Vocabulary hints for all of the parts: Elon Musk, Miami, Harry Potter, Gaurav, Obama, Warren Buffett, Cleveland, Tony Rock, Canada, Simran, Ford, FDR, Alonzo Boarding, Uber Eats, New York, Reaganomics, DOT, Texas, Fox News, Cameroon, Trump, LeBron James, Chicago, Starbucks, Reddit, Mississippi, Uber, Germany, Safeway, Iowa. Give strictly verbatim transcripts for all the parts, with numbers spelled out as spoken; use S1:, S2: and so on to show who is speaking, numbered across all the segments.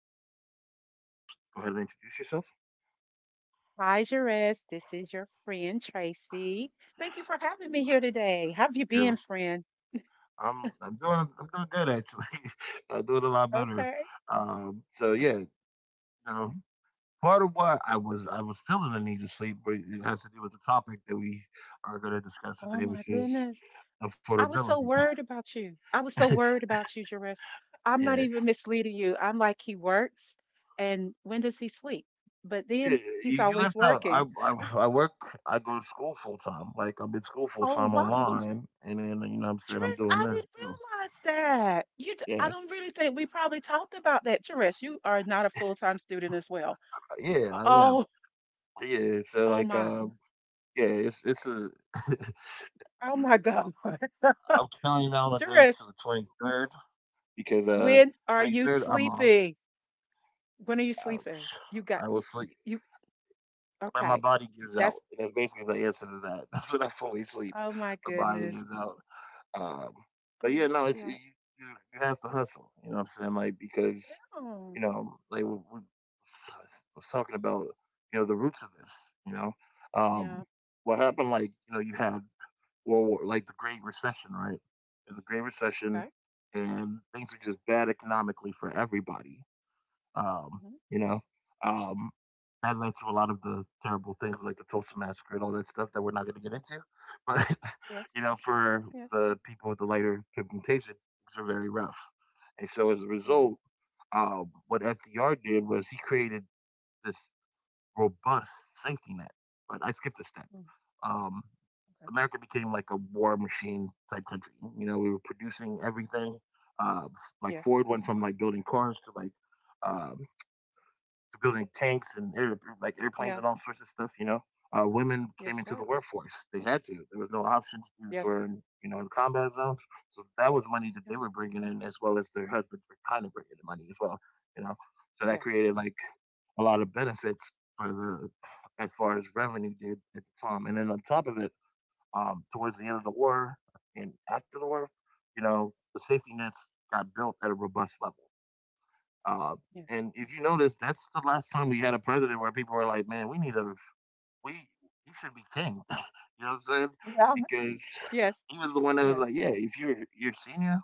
S1: lovely co-host. Go ahead and introduce yourself.
S2: Rise your rest. This is your friend Tracy. Thank you for having me here today. How have you been,
S1: You're
S2: friend?
S1: I'm I'm doing I'm doing good, actually. I'm doing a lot better.
S2: Okay.
S1: Um, so
S2: Okay.
S1: yeah, you know, part of why I was I was feeling the need to sleep, but it has to do with the topic that we are going to discuss
S2: Oh
S1: today,
S2: my
S1: which is
S2: goodness. I was so
S1: affordability.
S2: worried about you. I was so worried about you, Jerris. I'm not
S1: yeah,
S2: even misleading you. I'm like he works and when does he sleep? But
S1: Yeah,
S2: then
S1: yeah, yeah, you
S2: he's
S1: you
S2: always
S1: left out. I,
S2: working.
S1: I I work. I go to school full time. Like I'm in school full
S2: Oh
S1: time
S2: wow,
S1: online, and then you know what I'm saying, I'm
S2: Jerris,
S1: doing
S2: I
S1: this
S2: didn't
S1: too.
S2: realize that. You d- I
S1: Yeah,
S2: don't really think we probably talked about that, Jerris. You are not a full-time student as well.
S1: yeah, I am.
S2: Oh,
S1: Yeah, so
S2: oh
S1: like
S2: my.
S1: um, yeah, it's it's a.
S2: Oh my God.
S1: I'm counting down the days to the
S2: Doris,
S1: twenty-third because uh
S2: when are
S1: twenty-third
S2: you
S1: I'm off.
S2: sleeping? When are you sleeping? You
S1: I,
S2: got
S1: I will
S2: you, you,
S1: sleep
S2: you-
S1: when my
S2: Okay.
S1: body gives out.
S2: That's
S1: That's basically the answer to that. That's when I fully sleep.
S2: Oh my
S1: My body
S2: goodness.
S1: gives out. Um, but
S2: Oh,
S1: yeah, no, it's you,
S2: yeah.
S1: you you have to hustle. You know what I'm saying? Like, because
S2: Oh,
S1: you know, like we, we was talking about, you know, the roots of this. You know,
S2: yeah.
S1: um, what happened? Like, you know, you had World War, like the Great Recession, right? And the Great Recession,
S2: Okay.
S1: and things were just bad economically for everybody. Um,
S2: Hmm.
S1: you know, um, that led to a lot of the terrible things like the Tulsa massacre and all that stuff that we're not going to get into. But
S2: Yes.
S1: you know, for
S2: Yes.
S1: the people with the lighter pigmentation, things are very rough. And so, as a
S2: Yeah.
S1: result, um, what F D R did was he created this robust safety net. But I skipped a step.
S2: Mm,
S1: Um,
S2: okay.
S1: America became like a war machine type country. You know, we were producing everything. Uh, like
S2: Yes.
S1: Ford went from like building cars to like um, building tanks and air, like airplanes
S2: Yeah.
S1: and all sorts of stuff. You know, uh, women came
S2: Yes,
S1: into
S2: right.
S1: the workforce; they had to. There was no options. Dudes
S2: Yes.
S1: were, in, you know, in combat zones, so that was money that
S2: Yeah.
S1: they were bringing in, as well as their husbands were kind of bringing in money as well. You know, so that
S2: Yes.
S1: created like a lot of benefits for the as far as revenue did at the time. And then on top of it, um, towards the end of the war and after the war, you know, the safety nets got built at a robust level. Uh,
S2: Yes.
S1: and if you notice, that's the last time we had a president where people were like, "Man, we need a we he should be king." You know what I'm saying?
S2: Yeah. I'm-
S1: Because
S2: Yes.
S1: he was the one that was
S2: Yes.
S1: like, "Yeah, if you're you're senior,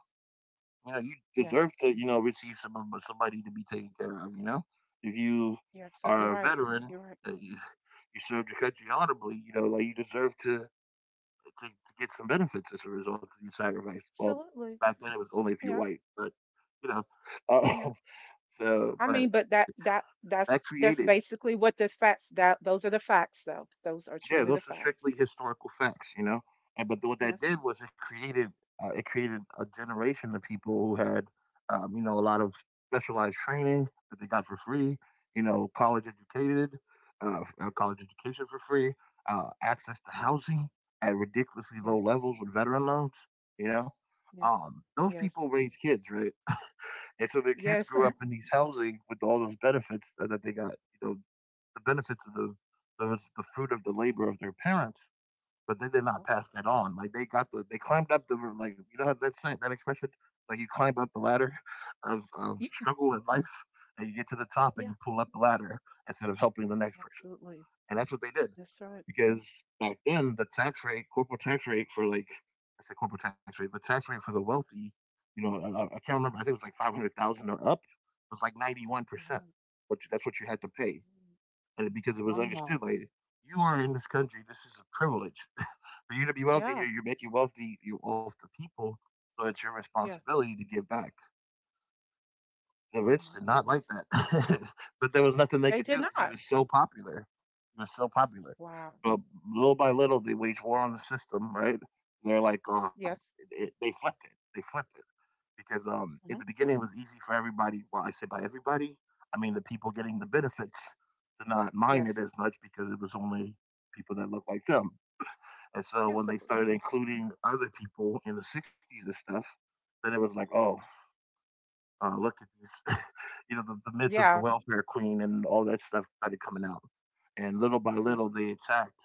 S1: you know, you
S2: Yeah.
S1: deserve to you know receive some somebody to be taken care of. You know, if you
S2: You're absolutely
S1: are a
S2: right.
S1: veteran,
S2: You're right.
S1: uh, you, you served your country honorably. You know, like you deserve to." To, to get some benefits as a result of your sacrifice. Well,
S2: Absolutely.
S1: back then it was only if you're
S2: Yeah.
S1: white, but you know. Uh,
S2: Yeah.
S1: so,
S2: I
S1: but
S2: mean, but that that
S1: that
S2: that's that's
S1: created
S2: basically what the facts that those are the facts though. Those are
S1: yeah
S2: truly the
S1: those are
S2: facts.
S1: strictly historical facts, you know, and but what that
S2: Yes.
S1: did was it created uh, it created a generation of people who had um, you know, a lot of specialized training that they got for free, you know, college educated, uh, uh, college education for free, uh, access to
S2: ye-
S1: housing at ridiculously low
S2: Yes.
S1: levels with veteran loans, you know,
S2: Yes.
S1: um, those
S2: Yes.
S1: people raised kids right. And so their kids
S2: Yes.
S1: grew up in these housing with all those benefits that, that they got, you know, the benefits of the those the fruit of the labor of their parents, but they did not
S2: Wow.
S1: pass that on. Like they got the they climbed up the like you know how that saying that expression like you climb up the ladder of of
S2: Ye-
S1: struggle in life and you get to the top and
S2: Yeah,
S1: you pull up the ladder instead of helping the next person.
S2: absolutely.
S1: And that's what they did
S2: That's right.
S1: because back then the tax rate, corporate tax rate for like I said corporate tax rate, the tax rate for the wealthy, you know, I, I can't remember. I think it was like five hundred thousand or up. It was like ninety one percent.
S2: Wow.
S1: But that's what you had to pay, and because it was
S2: Mhm.
S1: understood
S2: Wow.
S1: like you are in this country, this is a privilege. For you to be wealthy
S2: Yeah.
S1: here, you're making wealthy you off the people, so it's your
S2: Yeah.
S1: responsibility to give back. The
S2: Oh
S1: rich
S2: my
S1: did not like
S2: goodness.
S1: that, but there was nothing they
S2: They
S1: could
S2: did
S1: do because he
S2: not.
S1: was so popular. He was so popular.
S2: Wow.
S1: But little by little, they waged war on the system, right? They're like, um, it,
S2: Yes.
S1: it- they flipped it. They flipped it because um in the
S2: Hmm.
S1: beginning it was easy for everybody. Well, I say by everybody, I mean the people getting the
S2: Hmm.
S1: benefits to not mind it
S2: Yes.
S1: as much because it was only people that looked like them. And so when
S2: Yes, it
S1: they
S2: was.
S1: started including other people in the sixties and stuff, then it was like, oh, uh, look at these, you know, the, the myth of the
S2: Yeah.
S1: welfare queen and all that stuff started coming out. And little by
S2: Yeah.
S1: little, they attacked,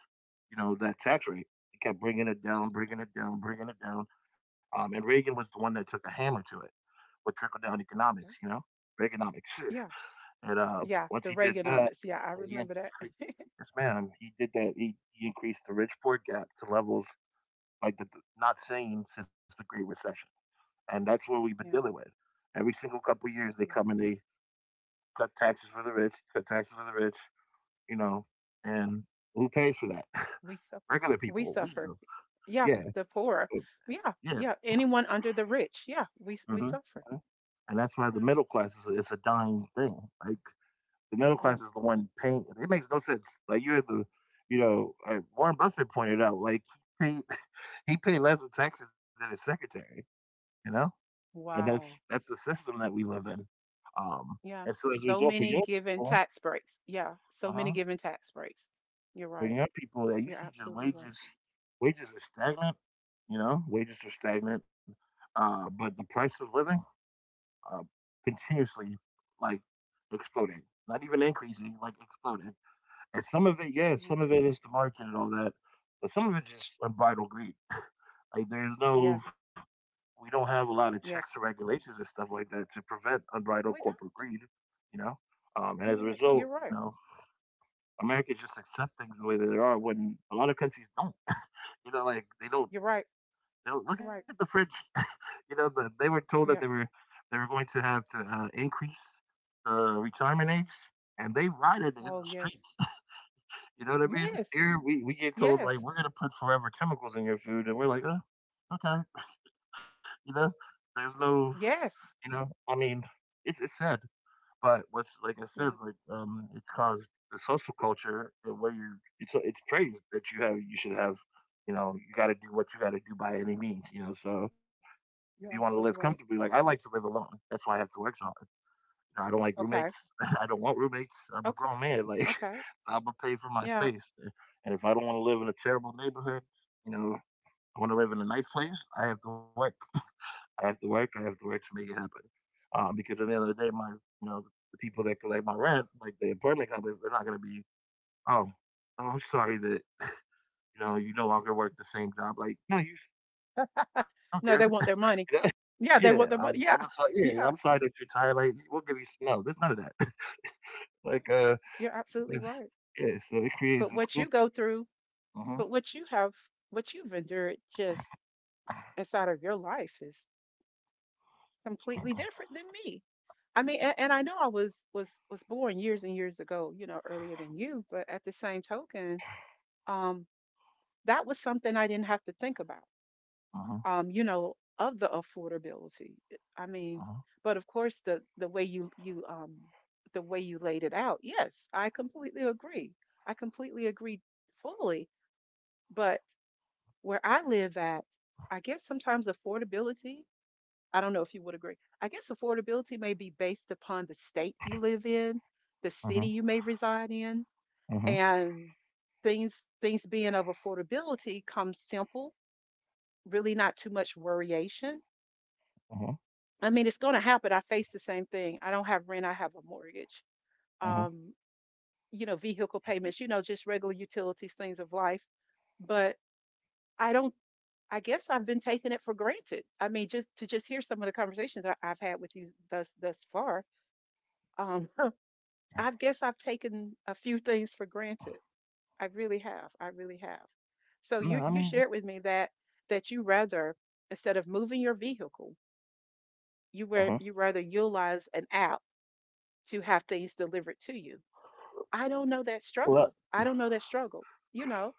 S1: you know, that tax rate. They kept bringing it down, bringing it down, bringing it down. Um, and Reagan was the one that took a hammer to it with trickle down
S2: Okay.
S1: economics, you know, economic.
S2: Yeah.
S1: And uh,
S2: Yeah.
S1: once
S2: The
S1: he did that,
S2: Reaganomics. Yeah, I
S1: he, he
S2: remember that.
S1: cre- yes, man, he did that. He, he increased the rich poor gap to levels like the, not seen since the Great Recession, and that's what we've been dealing with. Every single couple of years, they
S2: Yeah.
S1: come and they cut taxes for the rich, cut taxes for the rich, you know, and who pays for that?
S2: We suffer.
S1: Regular
S2: We
S1: people, we
S2: suffer.
S1: do.
S2: Yeah,
S1: Yeah,
S2: the poor.
S1: but-
S2: Yeah,
S1: yeah.
S2: yeah. Anyone under the rich. Yeah, we we
S1: hmm
S2: suffer.
S1: and that's why the
S2: Yeah.
S1: middle class is, is a dying thing. Like, the middle class
S2: Yeah.
S1: is the one paying. It makes no sense. Like you're the, you know, uh, Warren Buffett pointed out, like he paid, he paid less in taxes than his secretary. You know, and that's
S2: Wow.
S1: that's the system that we live in. Um, and
S2: Yeah.
S1: so, as a
S2: So
S1: result, for
S2: many
S1: young
S2: given
S1: people,
S2: tax breaks. Yeah. So many
S1: uh
S2: given tax breaks. You're
S1: for
S2: right.
S1: young people that you
S2: You're
S1: see just
S2: absolutely right.
S1: wages, wages are stagnant. You know, wages are stagnant, uh, but the price of living uh, continuously like exploding, not even increasing, like exploding. And some of it, yeah,
S2: Yeah.
S1: some of it is the market and all that, but some of it's just unbridled greed. Like, there's no,
S2: Yes.
S1: we don't have a lot of checks or
S2: Yes.
S1: regulations and stuff like that to prevent unbridled
S2: We don't.
S1: corporate greed, you know. Um, and as
S2: You're
S1: a
S2: right.
S1: result,
S2: You're
S1: you
S2: right.
S1: know, Americans just accept things the way that they are when a lot of countries don't. You know, like they don't.
S2: You're right.
S1: They don't look at
S2: You're
S1: the
S2: right.
S1: French. You know, the, they were told that they
S2: Yeah.
S1: were they were going to have to uh, increase the retirement age, and they rioted in the
S2: Oh yes.
S1: streets. You know what I mean?
S2: Yes.
S1: Here we, we get told like
S2: Yes.
S1: we're gonna put forever chemicals in your food, and we're like, oh, okay, you know, there's no, you
S2: Yes.
S1: know, I mean, it's it's sad, but what's like I said,
S2: Yeah.
S1: like um, it's caused the social culture and where you it's it's praised that you have you should have, you know, you got to do what you got to do by any means, you know. So if you want to
S2: You're
S1: live
S2: absolutely
S1: comfortably,
S2: right.
S1: like I like to live alone, that's why I have to work so I don't like
S2: Okay.
S1: roommates. I don't want roommates. I'm a
S2: Okay.
S1: grown man. Like
S2: Okay.
S1: I'm gonna pay for my
S2: Yeah.
S1: space, and if I don't want to live in a terrible neighborhood, you know, I want to live in a nice place. I have to work. I have to work. I have to work to make it happen. Um, because at the end of the day, my you know the people that collect my rent, like the apartment companies, they're not gonna be. Oh, oh, I'm sorry that you know you no longer work the same job. Like, no, you don't care.
S2: No, they want their
S1: You
S2: money.
S1: know?
S2: Yeah,
S1: Yeah,
S2: they want
S1: I'm,
S2: their money.
S1: I'm
S2: Yeah,
S1: sorry. Yeah, I'm
S2: yeah,
S1: sorry that you're tired. Like we'll give you s- no. There's none of that. Like uh
S2: you're absolutely
S1: it's
S2: right.
S1: yeah, so it creates
S2: But
S1: this
S2: what you
S1: culture.
S2: go through,
S1: Uh-huh.
S2: but what you have, what you've endured just inside of your life is completely different than me. I mean, and, and I know I was was was born years and years ago, you know, earlier than you, but at the same token, um, that was something I didn't have to think about.
S1: Uh-huh.
S2: um, you know, of the affordability. eh, I
S1: Uh-huh.
S2: mean, but of course, the the way you you um the way you laid it out, yes, I completely agree. I completely agree fully. But where I live at, I guess sometimes affordability. I don't know if you would agree. I guess affordability may be based upon the state you live in, the
S1: Uh-huh.
S2: city you may reside in,
S1: Uh-huh.
S2: and things things being of affordability comes simple, really not too much worryation.
S1: Uh-huh.
S2: I mean, it's going to happen. I face the same thing. I don't have rent. I have a mortgage.
S1: Uh-huh.
S2: Um, you know, vehicle payments. You know, just regular utilities, things of life. But I don't. I guess I've been taking it for granted. I mean, just to just hear some of the conversations I, I've had with you thus thus far. Um, I guess I've taken a few things for granted. I really have. I really have. So you
S1: No, I
S2: you
S1: mean,
S2: shared with me that that you rather instead of moving your vehicle,
S1: uh-huh.
S2: you were you rather utilize an app to have things delivered to you. I don't know that
S1: Well,
S2: struggle. I don't know that struggle. You know,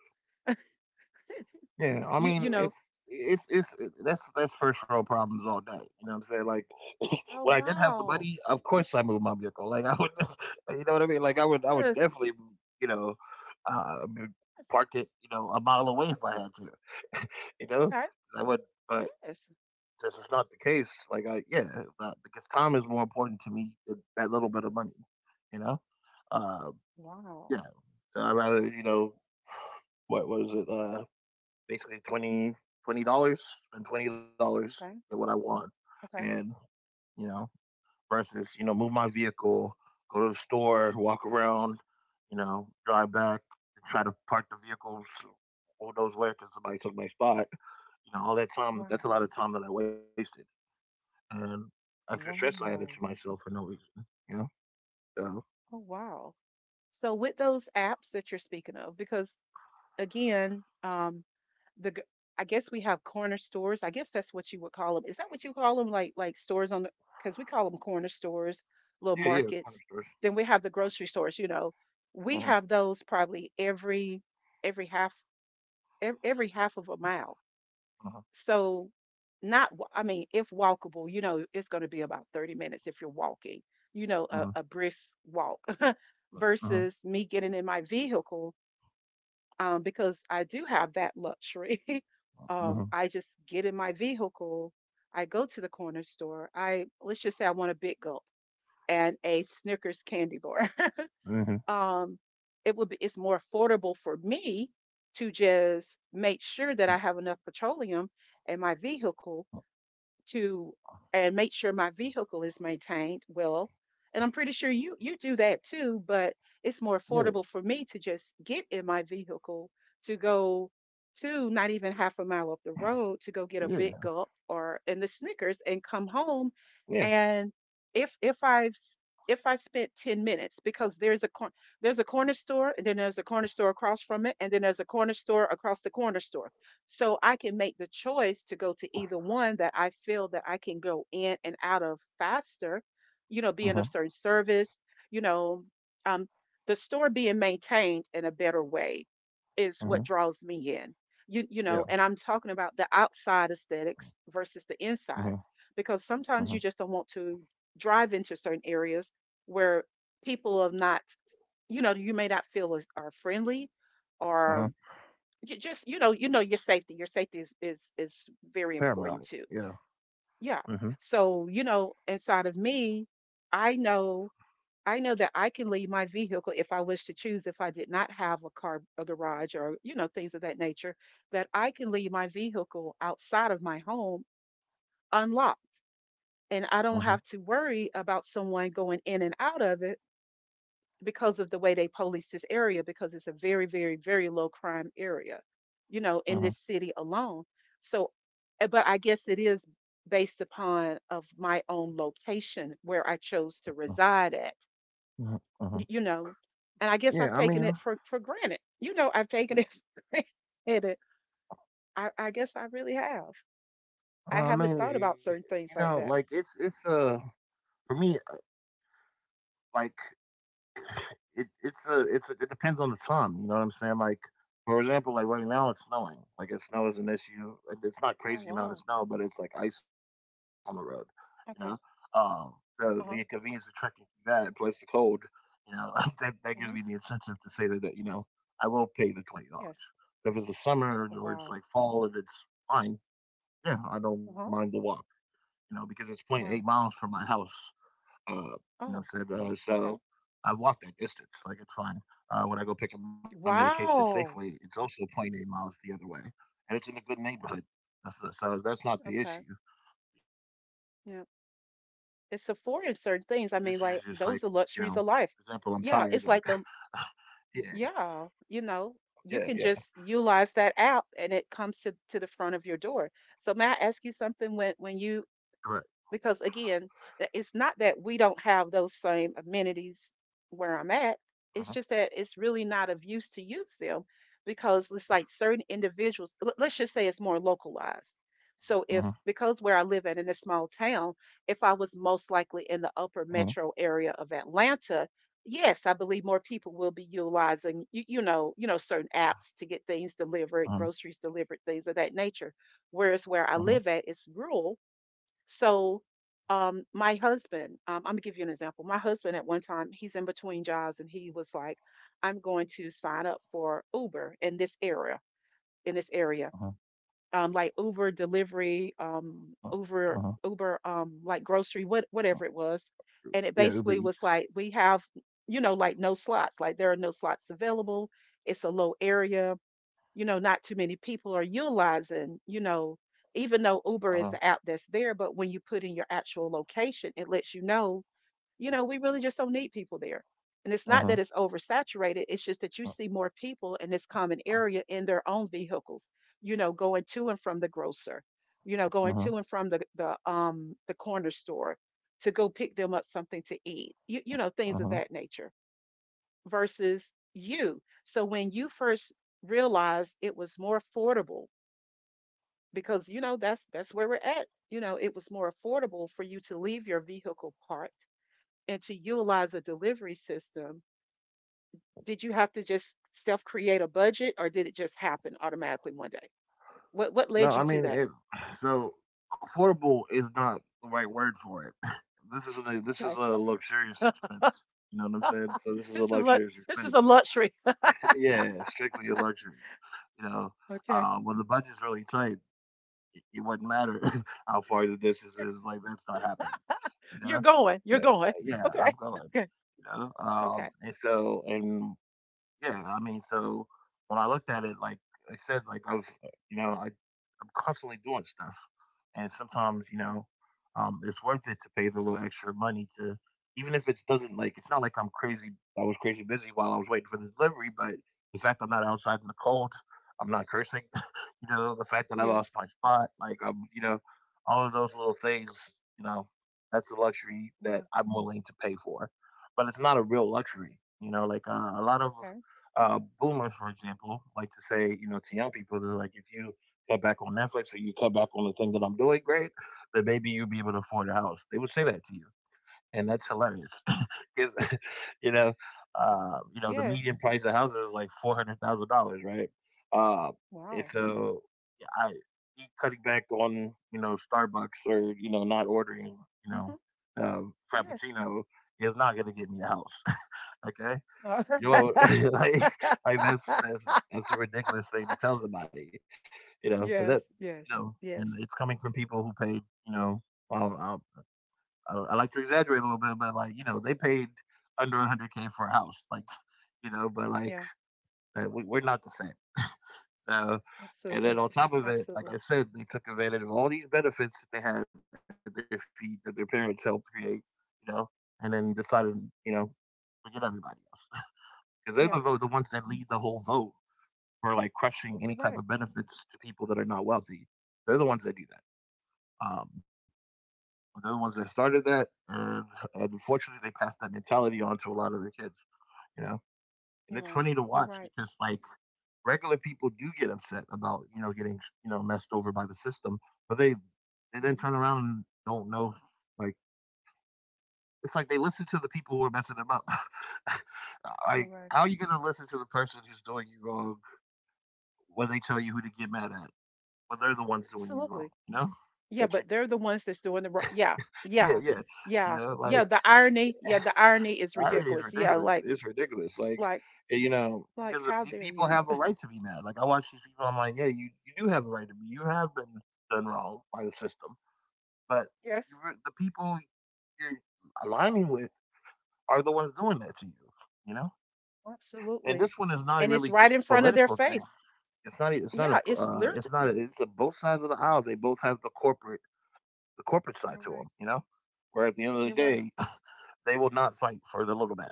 S1: yeah, I mean,
S2: you
S1: it's
S2: you know.
S1: it's it's it- that's that's first world problems all day. You know what I'm saying? Like, when I
S2: Oh
S1: didn't have the money,
S2: wow.
S1: of course I moved my vehicle. Like I would, you know what I mean? Like I would, I would
S2: Yes.
S1: definitely, you know, uh,
S2: Yes.
S1: park it, you know, a mile away if I had to. You know,
S2: Okay.
S1: I would, but
S2: Yes.
S1: this is not the case. Like, I yeah, uh, because time is more important to me than that little bit of money. You know, uh, yeah.
S2: Wow.
S1: So I rather you know what was it? Uh, basically twenty twenty dollars and twenty dollars than
S2: Okay.
S1: what I want,
S2: Okay.
S1: and you know versus, you know move my vehicle, go to the store, walk around, you know drive back, and try to park the vehicle. s- Who knows where? Because somebody took my spot. You know all that time.
S2: Wow.
S1: That's a lot of time that I wasted and extra stress I added to
S2: Wow.
S1: myself for no reason, you know? So,
S2: Oh wow. So with those apps that you're speaking of, because again, um, the g- I guess we have corner stores. I guess that's what you would call them. Is that what you call them? Like like stores on the because we call them corner stores,
S1: yeah,
S2: little
S1: yeah, corner
S2: markets.
S1: stores.
S2: Then we have the grocery stores. You know, we
S1: Uh-huh,
S2: have those probably every every half ev- every half of a mile.
S1: uh-huh,
S2: So not wa- I mean, if walkable, you know, it's going to be about thirty minutes if you're walking. You know,
S1: uh-huh,
S2: a, a brisk walk
S1: uh-huh,
S2: versus me getting in my vehicle, um, because I do have that luxury. um,
S1: uh-huh,
S2: I just get in my vehicle, I go to the corner store. I Let's just say I want a big gulp and a Snickers candy bar.
S1: mhm.
S2: um, it would be it's more affordable for me to just make sure that I have enough petroleum in my vehicle to and make sure my vehicle is maintained well. And I'm pretty sure you you do that too, but it's more
S1: Yeah,
S2: affordable for me to just get in my vehicle to go to not even half a mile up the road to go get a big
S1: yeah,
S2: gulp or in the Snickers and come
S1: yeah,
S2: home. And if if I've if I spent ten minutes because there's a cor- there's a corner store and then there's a corner store across from it and then there's a corner store across the corner store. So I can make the choice to go to either one that I feel that I can go in and out of faster, you know,
S1: uh-huh,
S2: being of certain service, you know, um, the store being maintained in a better way is what
S1: uh-huh,
S2: draws me in. You, you
S1: yeah,
S2: know, and I'm talking about the outside aesthetics versus the
S1: uh-huh,
S2: inside, because
S1: uh-huh,
S2: sometimes you just don't want to drive into certain areas where people are not, you know, you may not feel as, are friendly, or
S1: uh-huh.
S2: you just you know you know your safety your safety is is is very
S1: Paramount,
S2: important too.
S1: yeah. Uh
S2: Yeah.
S1: huh.
S2: So you know inside of me, i know i know that I can leave my vehicle if I wish to choose, if I did not have a car, a garage, or you know, things of that nature, that I can leave my vehicle outside of my home unlocked, and I don't have to worry about someone going in and out of it because of the way they police this area, because it's a very very very low crime area, you
S1: Uh,
S2: know,
S1: uh-huh,
S2: in this city alone. So eh, but I guess it is based upon of my own location where I chose
S1: huh
S2: to reside at.
S1: uh huh uh huh.
S2: Y- you know, and I
S1: Yeah,
S2: guess
S1: I
S2: I've
S1: mean,
S2: taken
S1: uh,
S2: it for for granted. You know, I've taken it for granted. I i guess I really have. I
S1: I
S2: haven't thought
S1: mean,
S2: about
S1: you
S2: certain
S1: know,
S2: things like
S1: like,
S2: that.
S1: it's, it's, uh, for me, like, It it's a it's a, it depends on the time. You know what I'm saying? Like for example, like right now it's snowing. Like it snow is an issue. It- It's not
S2: Oh
S1: crazy amount of
S2: wow.
S1: snow, but it's like ice on the road. You know, um,
S2: Okay.
S1: the the inconvenience of
S2: Uh-huh.
S1: trekking through that plus the cold. You know, that that gives me the
S2: Hmm.
S1: incentive to say that, that you know I will pay the twenty dollars.
S2: Yes.
S1: But if it's the summer or
S2: Oh,
S1: or it's like
S2: wow.
S1: fall and it's fine, yeah, I don't mind the
S2: Uh-huh.
S1: walk. You know, because it's point eight
S2: Wow.
S1: miles from my house. Uh, you know what
S2: Oh.
S1: I'm saying? Uh, so
S2: Okay.
S1: I've walked that distance. Like it's fine. Uh, when I go pick up my medication at Safeway, it's
S2: Wow.
S1: also point eight miles the other way, and it's in a good neighborhood. That's the, so that's not the issue.
S2: Okay.
S1: The issue is just like
S2: Yeah.
S1: you know, for example, I'm
S2: It's
S1: tired.
S2: affording
S1: Like,
S2: certain things. I mean, like
S1: yeah,
S2: those are luxuries of life. Yeah. It's
S1: yeah,
S2: like the
S1: yeah,
S2: yeah, you know, you can just utilize that app and it comes to to the front of your door. So may I ask
S1: correct.
S2: you something when when you because again, th- it's not that we don't have those same amenities where
S1: Uh-huh,
S2: I'm at. It's just that it's really not of use to use them because it's like certain individuals, l- let's just say it's more localized. So
S1: uh-huh,
S2: if because where I live at in a small town, if I was
S1: uh-huh,
S2: most likely in the upper metro area of Atlanta, yes, I believe more people will be utilizing you, you know, you know certain apps to get things
S1: uh-huh,
S2: delivered, groceries delivered, things of that nature. Whereas where
S1: uh-huh,
S2: I live at is rural, so, um, my husband, um, I'm gonna give you an example. My husband at one time, he's in between jobs, and he was like, "I'm going to sign up for Uber in this area, in this area,
S1: uh-huh,
S2: um, like Uber delivery, um,
S1: uh-huh,
S2: Uber,
S1: uh-huh.
S2: Uber, um, like grocery, what, whatever it was." And
S1: Yeah,
S2: it
S1: Uber
S2: basically
S1: Eats.
S2: was like, "We have, you know, like no slots. Like there are no slots available. It's a low area, you know, not too many people are utilizing, you know, even though Uber is
S1: Uh-huh,
S2: the app that's there, but when you put in your actual location, it lets you know, you know, we really just don't need people there." And it's not
S1: uh-huh,
S2: that it's oversaturated, it's just that you
S1: uh-huh,
S2: see more people in this common area in their own vehicles, you know, going to and from the grocer, you know, going
S1: uh-huh.
S2: to and from the the um the corner store to go pick them up something to eat. You you know, things of
S1: Uh-huh.
S2: that nature versus you. So when you first realized it was more affordable, because you know that's that's where we're at. You know, it was more affordable for you to leave your vehicle parked and to utilize a delivery system. Did you have to just self-create a budget, or did it just happen automatically one day? What what
S1: No,
S2: led you
S1: I
S2: to
S1: mean
S2: that?
S1: it. So affordable is not the right word for it. This is a this is
S2: Okay,
S1: a luxurious expense. You know what I'm saying? So this is a
S2: this is what
S1: luxurious
S2: this is
S1: expense.
S2: a luxury.
S1: Yeah, strictly a luxury. You know,
S2: Okay,
S1: uh, when the budget's really tight, it, it wouldn't matter how far the distance is. Like that's not happening. You
S2: you're
S1: know?
S2: going, you're
S1: Yeah,
S2: going.
S1: yeah,
S2: Okay,
S1: I'm going.
S2: okay,
S1: You know, um,
S2: okay.
S1: and so, and yeah, I mean, so when I looked at it, like like I said, like I was, uh, you know, I, I'm constantly doing stuff, and sometimes, you
S2: Mm.
S1: know, um, it's worth it to pay the little extra money to, even if it doesn't, like, it's not like I'm crazy. I was crazy busy while I was waiting for the delivery, but the fact I'm not outside in the cold, I'm not cursing, you know, the fact that I lost
S2: Yes,
S1: my spot, like I'm, you know, all of those little things, you know, that's a luxury that
S2: yeah,
S1: I'm willing to pay for, but it's not a real luxury, you know, like uh, a lot of
S2: okay.
S1: uh, boomers, for example, like to say, you know, to young people, they're like, if you cut back on Netflix or you cut back on the thing that I'm doing, great, then maybe you'll be able to afford a house. They would say that to you, and that's hilarious. Because, you know,
S2: Wow.
S1: uh, you know, the
S2: Yes.
S1: median price of houses is like four hundred thousand dollars, right? Uh, and
S2: Wow.
S1: so, yeah, I me cutting back on, you know, Starbucks or you know, not ordering, you know,
S2: Mhm.
S1: uh,
S2: Yes.
S1: Frappuccino is not going to get me a house. Okay,
S2: Uh,
S1: you know. like like that's that's that's a ridiculous thing to tell somebody, you know. But that,
S2: Yes,
S1: you know,
S2: yes,
S1: and
S2: yes.
S1: it's coming from people who paid, you know. Well, I'll, I'll, I like to exaggerate a little bit, but like you know, they paid under one hundred k for a house, like you know. But like
S2: Yeah,
S1: uh, we, we're not the same. So, and then
S2: absolutely.
S1: on top of it, like I
S2: Absolutely.
S1: said, they took advantage of all these benefits that they had at their feet that their parents helped create, you know, and then decided, you know, forget everybody else because they're the vote, the
S2: Yeah,
S1: ones that lead the whole vote for like crushing any
S2: you're
S1: type of
S2: right.
S1: benefits to people that are not wealthy. They're the ones that do that. Um, they're the ones that started that, and, and unfortunately, they passed that mentality on to a lot of their kids. You know, and it's
S2: You're
S1: funny to
S2: right.
S1: watch
S2: You're
S1: because
S2: right.
S1: like regular people do get upset about you know getting you know messed over by the system, but they they then turn
S2: Hmm.
S1: around and don't know, like, it's like they listen to the people who are messing them up. Like,
S2: You're right.
S1: how are you going to listen to the person who's doing you wrong when they tell you who to get mad at? When they're the ones doing you wrong.
S2: Absolutely.
S1: You know,
S2: Yeah,
S1: that's rid-
S2: but they're the ones that's doing the wrong. Yeah,
S1: yeah,
S2: yeah,
S1: yeah. You
S2: yeah,
S1: know,
S2: yeah.
S1: like
S2: The irony, yeah, the irony is
S1: irony is
S2: ridiculous. Yeah,
S1: ridiculous.
S2: like,
S1: It's ridiculous. Like,
S2: like,
S1: you know,
S2: like,
S1: because the
S2: how dare
S1: people
S2: you?
S1: have a right to be mad. Like I watch these people, I'm like, yeah, you you do have a right to be. You have been done wrong by the system, but you,
S2: Yes,
S1: the people you're aligning with, are the ones doing that to you. You know, and
S2: absolutely.
S1: this one is not
S2: And it's
S1: really
S2: right
S1: just
S2: in
S1: a
S2: front of their
S1: political thing.
S2: face.
S1: It's not. E, It's not a.
S2: Yeah, it's
S1: Uh,
S2: literally.
S1: it's not. A, it's a both sides of the aisle. They both have the corporate the corporate side to
S2: You're
S1: them, you
S2: right.
S1: know? Where at the end of the
S2: You're
S1: day,
S2: right.
S1: they will not fight for the little man.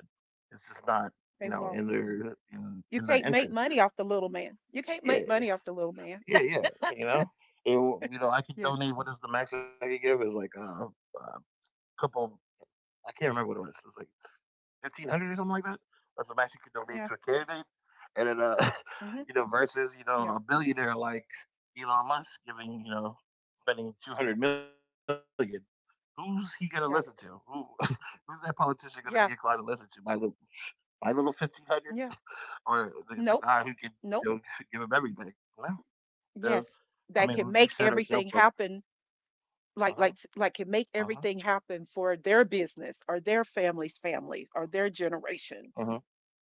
S1: It's just not, you
S2: They
S1: know,
S2: won't.
S1: in their in,
S2: You
S1: in their
S2: can't make
S1: interest.
S2: money off the little man. You can't
S1: Yeah,
S2: make money off the little man.
S1: yeah, yeah. You know, It you know, I could
S2: Yes.
S1: donate. What is the max I could give? Is like a, a couple, I can't remember what it was. It was like fifteen hundred or something like that. That's the max you could donate
S2: Yeah.
S1: to a candidate, and then uh,
S2: Hmm.
S1: you know, versus, you know
S2: Yeah.
S1: a billionaire like Elon Musk giving you know spending two hundred million dollars. Who's he gonna listen to? Who,
S2: Yeah.
S1: who's that politician gonna be inclined to listen to?
S2: Yeah.
S1: My little, my little fifteen hundred,
S2: Yeah.
S1: dollars? Or the, the guy who can
S2: Nope.
S1: you know give
S2: Nope.
S1: him everything? You know? So,
S2: Yes.
S1: I mean, we, we
S2: That can
S1: set
S2: make
S1: ourselves up.
S2: everything happen.
S1: Uh huh.
S2: Like like
S1: Uh huh.
S2: like can make everything happen for their business or their family's family or their
S1: Uh huh.
S2: generation.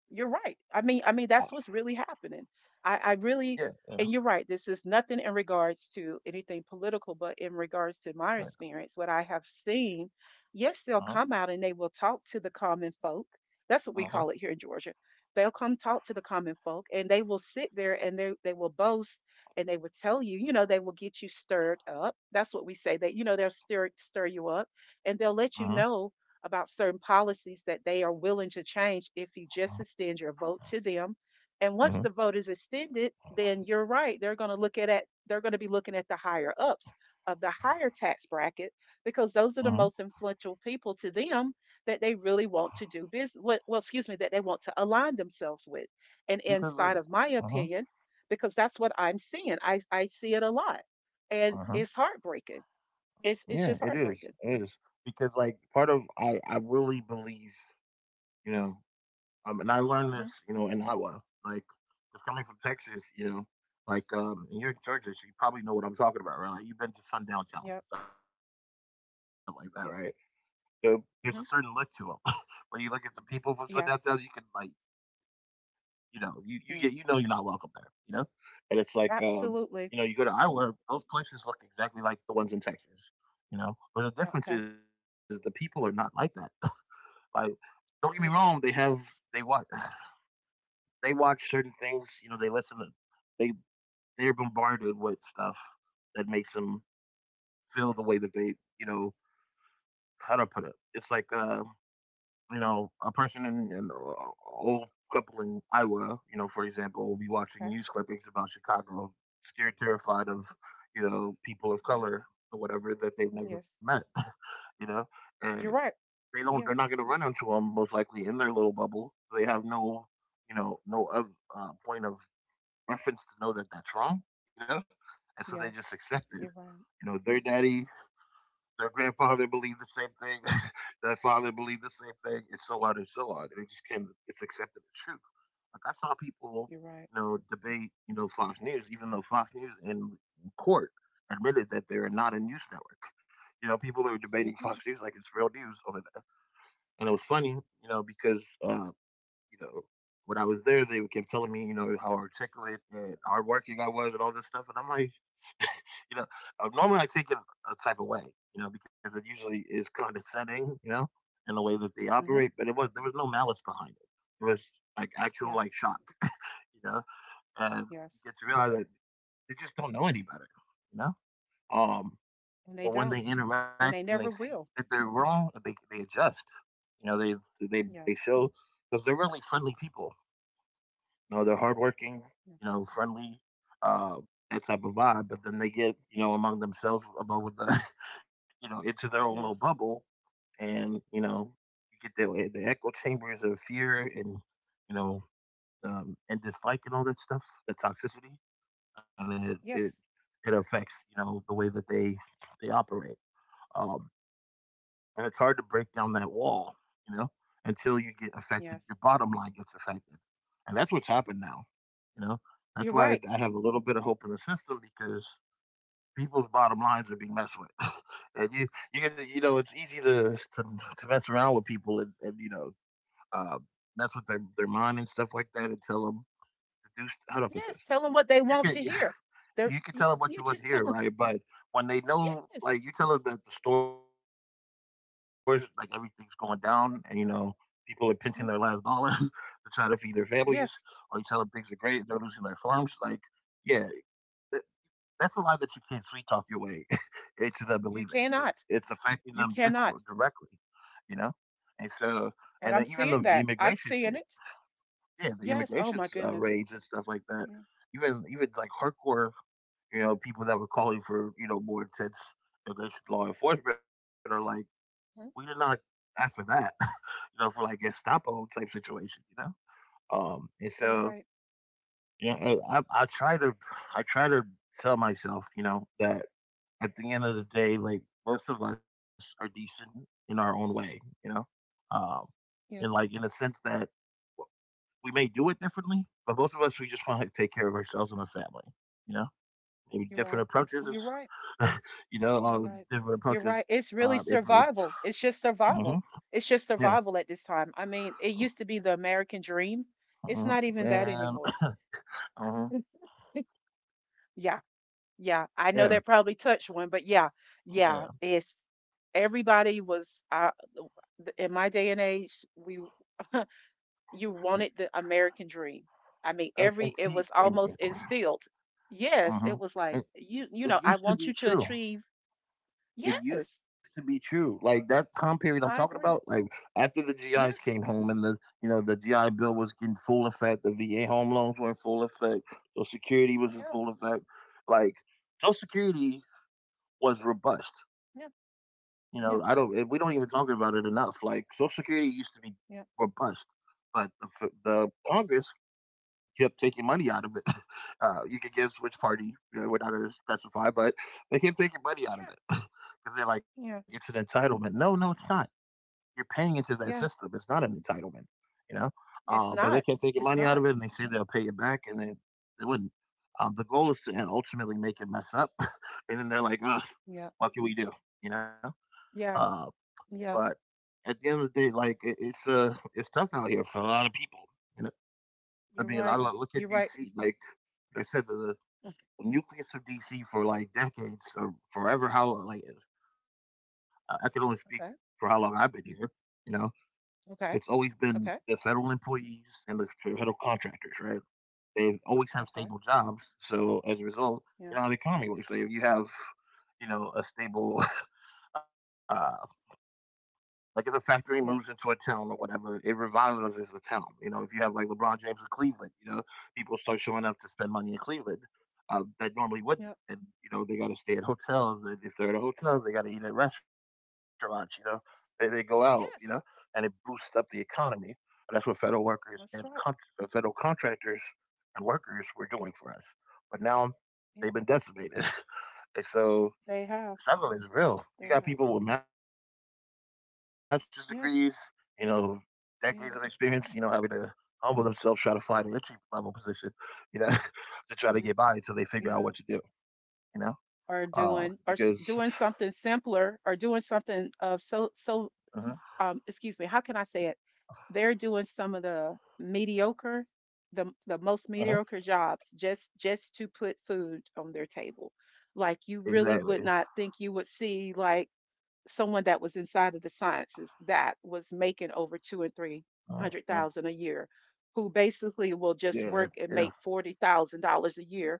S2: You're right. I mean I mean that's what's really happening. I I
S1: Yeah. Yeah.
S2: really And you're right. This is nothing in regards to anything political, but in regards to
S1: Yeah.
S2: my experience, what I have seen, yes,
S1: Uh
S2: they'll
S1: huh.
S2: come out and they will talk to the common folk. That's what we
S1: Uh huh.
S2: call it here in Georgia. They'll come talk to the common folk, and they will sit there, and they, they will boast and they will tell you, you know, they will get you stirred up. That's what we say, that, you know, they'll stir, stir you up and they'll
S1: Uh
S2: let
S1: huh.
S2: you know about certain policies that they are willing to change if you just
S1: Uh
S2: extend your vote to them. And once the
S1: huh.
S2: vote is extended, then you're right. They're going to look at it. They're going to be looking at the higher ups of the higher tax bracket because those are the
S1: Mhm.
S2: most influential people to them, that they really want to do business. Well, well, excuse me, that they want to align themselves with. And
S1: Because,
S2: inside
S1: like,
S2: of my
S1: uh-huh,
S2: opinion, because that's what I'm seeing. I I see it a lot, and it's
S1: uh-huh.
S2: heartbreaking. It's it's
S1: Yeah,
S2: just
S1: it is,
S2: heartbreaking.
S1: it is. Because, like, part of, I I really believe, you know, um, and I learned
S2: Hmm.
S1: this, you know, in Iowa, like, just coming from Texas, you know, like, um, and you're in Georgia, so you probably know what I'm talking about, right? Like, you've been to
S2: Yep.
S1: Sundown Challenge and stuff like that, right?
S2: Yes.
S1: So, there's
S2: Hmm.
S1: a certain look to them. When you look at the people from
S2: Yeah,
S1: Sundown Challenge, you can, like, you know, you you
S2: yeah,
S1: get, you know you're not welcome there. You know, and it's like um,
S2: absolutely.
S1: you know you go to Iowa, those places look exactly like the ones in Texas. You know, but
S2: Yeah,
S1: the
S2: okay,
S1: difference is the people are not like that. Like, don't get me wrong, they
S2: you're
S1: have
S2: right.
S1: they watch they watch certain things. You know, they listen to, they they're bombarded with stuff that makes them feel the way that they, you know how to put it. It's like uh, you know, a person in an old couple in Iowa, you know, for example, will be watching
S2: Okay,
S1: news clippings about Chicago, scared, terrified of, you know, people of
S2: hmm,
S1: color or whatever that they've never met,
S2: yes,
S1: you know, and
S2: you're right.
S1: they don't, they're not
S2: Yeah,
S1: going to run into them most likely in their little bubble. They have no, you know, no other uh, point of reference to know that that's wrong, you know, and so they
S2: yeah,
S1: just accept it.
S2: you're right.
S1: You know, their daddy their grandfather believed the same thing. Their father believed the same thing, and so on and so on. It just came. It's accepted as truth. Like I saw people,
S2: You're right.
S1: you know, debate, you know, Fox News, even though Fox News in court admitted that they're not a news network. You know, people are debating
S2: You're
S1: Fox
S2: right.
S1: News like it's real news over there, and it was funny, you know, because uh, you know when I was there, they kept telling me, you know, how articulate and hardworking I was and all this stuff. And I'm like, you know, uh, normally I take it a type of way, you know, because it usually is condescending, you know, in the way that they
S2: Hmm.
S1: operate. But it was there was no malice behind it. It was like actual
S2: Yeah,
S1: like shock, you know, and
S2: yes,
S1: you get to realize that they just don't know any better, you know. Um,
S2: and they
S1: but when
S2: don't,
S1: they interact
S2: and
S1: and
S2: they
S1: they
S2: never
S1: see that
S2: will.
S1: they're wrong, they they adjust. You know, they they
S2: Yeah,
S1: they show because they're really friendly people. You know, they're hardworking,
S2: yeah,
S1: you know, friendly, uh, that type of vibe. But then they get, you know, among themselves about what the, you know, into their own little
S2: yes,
S1: bubble, and you know, you get the eh, the echo chambers of fear and, you know, um, and dislike and all that stuff, that toxicity, and it it
S2: yes,
S1: it affects you know the way that they they operate. Um, and it's hard to break down that wall, you know, until you get affected. Your
S2: yes.
S1: bottom line gets affected. And that's what's happened now. You know,
S2: You're
S1: that's why
S2: right.
S1: I have a little bit of hope in the system because people's bottom lines are being messed with. And you, you get, to- you know, it's easy to, to, to mess around with people and, and you know, uh, mess with their, their mind and stuff like that and tell them to do, st- how do I put this?
S2: Yes, tell them what they
S1: You
S2: want
S1: can't.
S2: to hear. They're
S1: You can
S2: you,
S1: tell them what you
S2: you
S1: want to
S2: just tell
S1: hear,
S2: them.
S1: right? But when they know,
S2: Yes,
S1: like, you tell them that the stores, like, everything's going down, and you know, people are pinching their last dollar to try
S2: mhm,
S1: to feed their families, or you tell them things are
S2: yes,
S1: great and they're losing their farms, like, yeah, th- that's a lie that you can't sweet talk your way into them believing
S2: you
S1: 'cause it's
S2: cannot.
S1: affecting them dic-
S2: You cannot.
S1: directly, you know. And so, and then
S2: And I'm
S1: even the, the
S2: seeing that.
S1: immigration
S2: I'm
S1: thing,
S2: seeing it.
S1: yeah, the
S2: Yes. Oh
S1: immigration
S2: my
S1: uh,
S2: goodness.
S1: raids and stuff like that.
S2: Hmm.
S1: Even even like hardcore you know, people that were calling for, you know, more intense against law enforcement are like, we did not ask for that, you know, for like Gestapo type situation, you know? Um, and
S2: You're
S1: so,
S2: right.
S1: you know, I, I, I try to, I try to tell myself, you know, that at the end of the day, like most of us are decent in our own way, you know? Um, and like in the
S2: Yes.
S1: sense that we may do it differently, but most of us, we just want to take care of ourselves and our family, you know? Maybe
S2: You're
S1: different
S2: right.
S1: approaches.
S2: You're right.
S1: You know,
S2: You're
S1: all the
S2: right.
S1: different
S2: You're right.
S1: approaches.
S2: It's
S1: Uh, it,
S2: really
S1: it,
S2: survival. It's just
S1: hmm
S2: survival. It's just
S1: yeah,
S2: survival at this time. I mean, it used to be the American dream. It's
S1: hmm
S2: not even that
S1: and
S2: anymore.
S1: hmm
S2: Yeah, yeah. I know
S1: yeah,
S2: that probably touched one, but yeah, yeah.
S1: yeah,
S2: It's Everybody was uh, in my day and age. We. You wanted the American dream. I
S1: and
S2: mean,
S1: and
S2: every
S1: see,
S2: it was
S1: and, and,
S2: almost instilled. Yes,
S1: mhm.
S2: it was like
S1: it,
S2: you you
S1: it
S2: know I
S1: used to
S2: want you
S1: be
S2: to
S1: true.
S2: achieve.
S1: It used
S2: Yes,
S1: to be true. Like that time period I'm talking
S2: I
S1: about,
S2: agree.
S1: like after the G Is came
S2: Yes.
S1: home and the you know the G I Bill was in full effect, the V A home loans were in full effect, Social Security was in
S2: Yeah.
S1: full effect. Like Social Security was robust.
S2: Yeah.
S1: You know, I don't. And
S2: Yeah.
S1: We don't even talk about it enough. Like Social Security used to be
S2: Yeah.
S1: robust, but the, f- the Congress kept taking money out of it. Uh, you could guess which party. You know, we're not going to specify, but they kept taking money out of
S2: Yeah.
S1: it because they're like, it's an
S2: Yeah.
S1: entitlement. No, no, it's not. You're paying into that system.
S2: Yeah.
S1: It's not an entitlement. You know, uh, but
S2: It's
S1: they kept
S2: not.
S1: taking money
S2: It's
S1: out of it,
S2: not.
S1: and they say they'll pay it back, and they they wouldn't. Um, the goal is to ultimately make it mess up, and then they're like, "Ugh,
S2: Yeah.
S1: what can we do?" You know. Uh,
S2: Yeah.
S1: but
S2: Yeah.
S1: at the end of the day, like it, it's uh it's tough out here for a lot of people. You know, I
S2: You're
S1: mean, I
S2: right.
S1: lo- look at
S2: You're right.
S1: D C. Like like I said, the, the nucleus of D C for like decades or forever. How like I I can only speak for how long
S2: Okay.
S1: I've been here. You know, it's always
S2: Okay.
S1: been the
S2: Okay.
S1: federal employees and the federal contractors, right? They always have stable
S2: Okay.
S1: jobs. So as a result, you know how
S2: Yeah.
S1: the economy works. Like if you have, you know, a stable, uh, like if a factory moves into a
S2: Yeah.
S1: town or whatever, it revitalizes the town. You know, if you have like LeBron James of Cleveland, you know, people start showing up to spend money in Cleveland uh, that normally wouldn't.
S2: Yeah.
S1: And you know, they got to stay at hotels. And if they're at hotels, they got to eat at restaurants. You know, they, they go
S2: S-
S1: out. You know, and it
S2: Yes.
S1: boosts up the economy. And that's what federal workers and con-
S2: That's right.
S1: uh, federal contractors and workers were doing for us. But now they've been
S2: Yep.
S1: decimated. And so
S2: They have.
S1: struggle is real. You
S2: They
S1: got
S2: have.
S1: people with master's degrees, you know, decades
S2: Yes.
S1: of experience, you know, having to
S2: Yeah.
S1: humble themselves, try to find an entry level position, you know, to try to get by until they
S2: Yeah.
S1: figure out what to do,
S2: Yeah.
S1: you know? Uh,
S2: Or
S1: because,
S2: doing or s- doing something simpler, or doing
S1: uh
S2: something of so so um, excuse me, how can I say it? They're doing some of the mediocre, the
S1: mhm,
S2: the most mediocre jobs just just to put food on their table. Like you
S1: exactly.
S2: really would not think you would see like someone that was inside of the sciences, that was
S1: uh
S2: making
S1: hmm
S2: over two and three hundred thousand a year,
S1: Yeah,
S2: who
S1: yeah,
S2: basically will just work and make forty thousand dollars a year,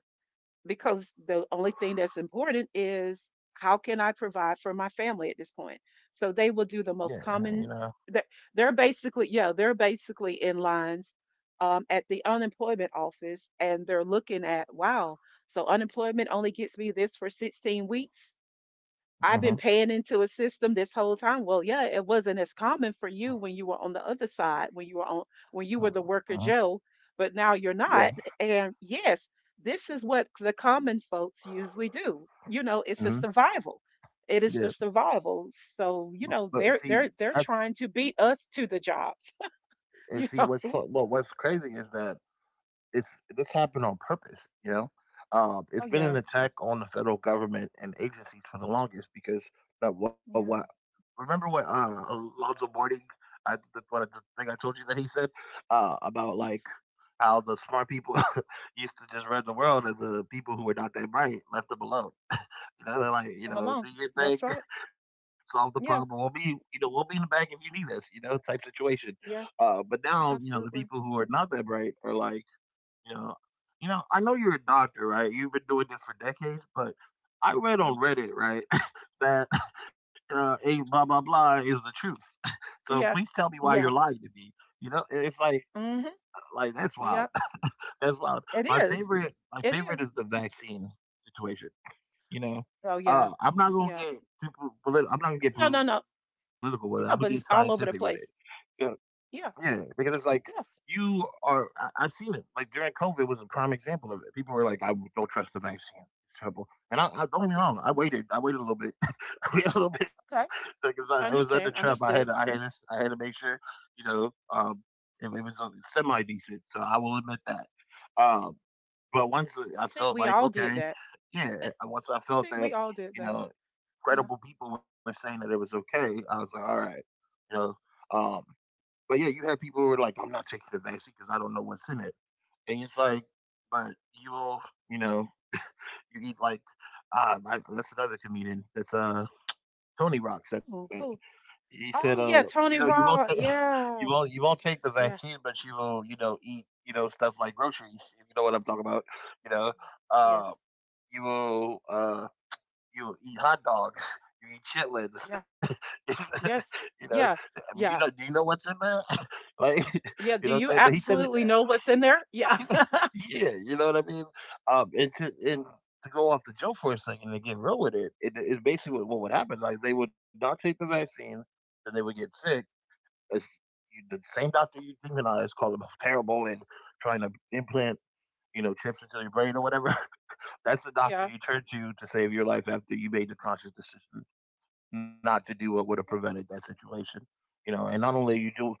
S2: because the only thing that's important is, how can I provide for my family at this point?
S1: yeah,
S2: So they
S1: you
S2: will
S1: know,
S2: do the most common. They're, they're basically, yeah, they're basically in lines um, at the unemployment office, and they're looking at, wow, so unemployment only gets me this for sixteen weeks.
S1: uh
S2: I've been paying into a system this whole time. Well, yeah, it wasn't as common for you when you were on the other side, when you were on when you were the
S1: hmm
S2: worker Joe, but now you're
S1: yeah,
S2: not. And yes, this is what the common folks usually do. You know, it's a
S1: hmm
S2: survival. It is
S1: yeah.
S2: the survival.
S1: But,
S2: So, you
S1: but
S2: know, they're
S1: see,
S2: they're
S1: that's,
S2: they're trying to beat us to the jobs.
S1: and see,
S2: you
S1: what's,
S2: know.
S1: fu- well, what's crazy is that it's this happened on purpose, you know. Um,
S2: Oh
S1: it's been an
S2: yeah.
S1: attack on the federal government and agencies for the longest because that what what
S2: Yeah.
S1: remember what uh, Alonzo Boarding, I the, what I, the thing I told you that he said uh, about like
S2: Yes.
S1: how the smart people used to just run the world
S2: Yeah.
S1: and the people who were not that bright left them alone. You know, they're like,
S2: Leave
S1: you
S2: them
S1: know, do
S2: alone.
S1: your thing,
S2: That's right.
S1: solve the problem. We'll
S2: Yeah.
S1: be, you know, we'll be in the back if you need us, you know, type situation.
S2: Yeah.
S1: Uh, but now, you know, the people
S2: Absolutely.
S1: who are not that bright are like you know, you know, I know you're a doctor, right? You've been doing this for decades, but I read
S2: Mhm.
S1: on Reddit, right, that uh, a blah blah blah is the truth. So
S2: Yeah.
S1: please tell me why
S2: Yeah.
S1: you're lying to me. You know, i- it's like
S2: Mm-hmm.
S1: like that's
S2: Yep.
S1: wild. That's wild.
S2: It
S1: My
S2: is.
S1: favorite, my
S2: It
S1: favorite
S2: is.
S1: is the vaccine situation. You know,
S2: Oh yeah.
S1: uh, I'm not gonna
S2: Yeah.
S1: get too po- politi- I'm not gonna get
S2: No, no,
S1: political
S2: no.
S1: with it. I'm gonna get scientific
S2: No,
S1: with
S2: but it's all over the
S1: it.
S2: place.
S1: Yeah,
S2: Yeah.
S1: because it's like
S2: Yes.
S1: you are. I, I've seen it. Like during COVID was a prime example of it. People were like, "I don't trust the vaccine. It's terrible." And I, I don't get
S2: Okay.
S1: me wrong. I waited. I waited a little bit. I waited a little bit
S2: Okay.
S1: because I, I was under
S2: Understand.
S1: Trump. I had.
S2: Understood.
S1: to- I had. this- I had to make sure. You know, um, it, it was semi decent. So I will admit that. Um, but once
S2: I
S1: I
S2: think we
S1: felt
S2: all
S1: like
S2: did that.
S1: okay, yeah. Once
S2: I
S1: I
S2: think
S1: felt
S2: we all
S1: that,
S2: did that.
S1: you know,
S2: Yeah.
S1: credible people were saying that it was okay. I was like, all right, you know. Um, but yeah, you had people who were like, I'm not taking the vaccine because I don't know what's in it. And it's like, but you'll, you know, you eat like, uh, I, that's another comedian. That's uh, Tony Rock said that.
S2: Who? Who?
S1: He said,
S2: Oh
S1: uh,
S2: yeah,
S1: you know,
S2: Tony
S1: you won't, take,
S2: Raw.
S1: you
S2: Yeah.
S1: won't, you won't take the
S2: Yeah.
S1: vaccine, but you will, you know, eat, you know, stuff like groceries. You know what I'm talking about, you know. Uh,
S2: Yes.
S1: you will uh, you eat hot dogs, you eat chitlins.
S2: Yeah. Yes.
S1: You know,
S2: Yeah.
S1: I mean, you know,
S2: Yeah.
S1: do you know what's in there? Like,
S2: Yeah.
S1: you know what
S2: Do
S1: I'm
S2: you
S1: saying? But he said it.
S2: absolutely know what's in there? Yeah.
S1: Yeah, you know what I mean. Um, and to and To go off the joke for a second and get real with it, it is basically what, what would happen. Like they would not take the vaccine, then they would get sick. As you, the same doctor you demonize, call them terrible and trying to implant. You know, chips into your brain or whatever. That's the doctor
S2: Yeah.
S1: you turn to to save your life after you made the conscious decision not to do what would have prevented that situation. You know, and not only you do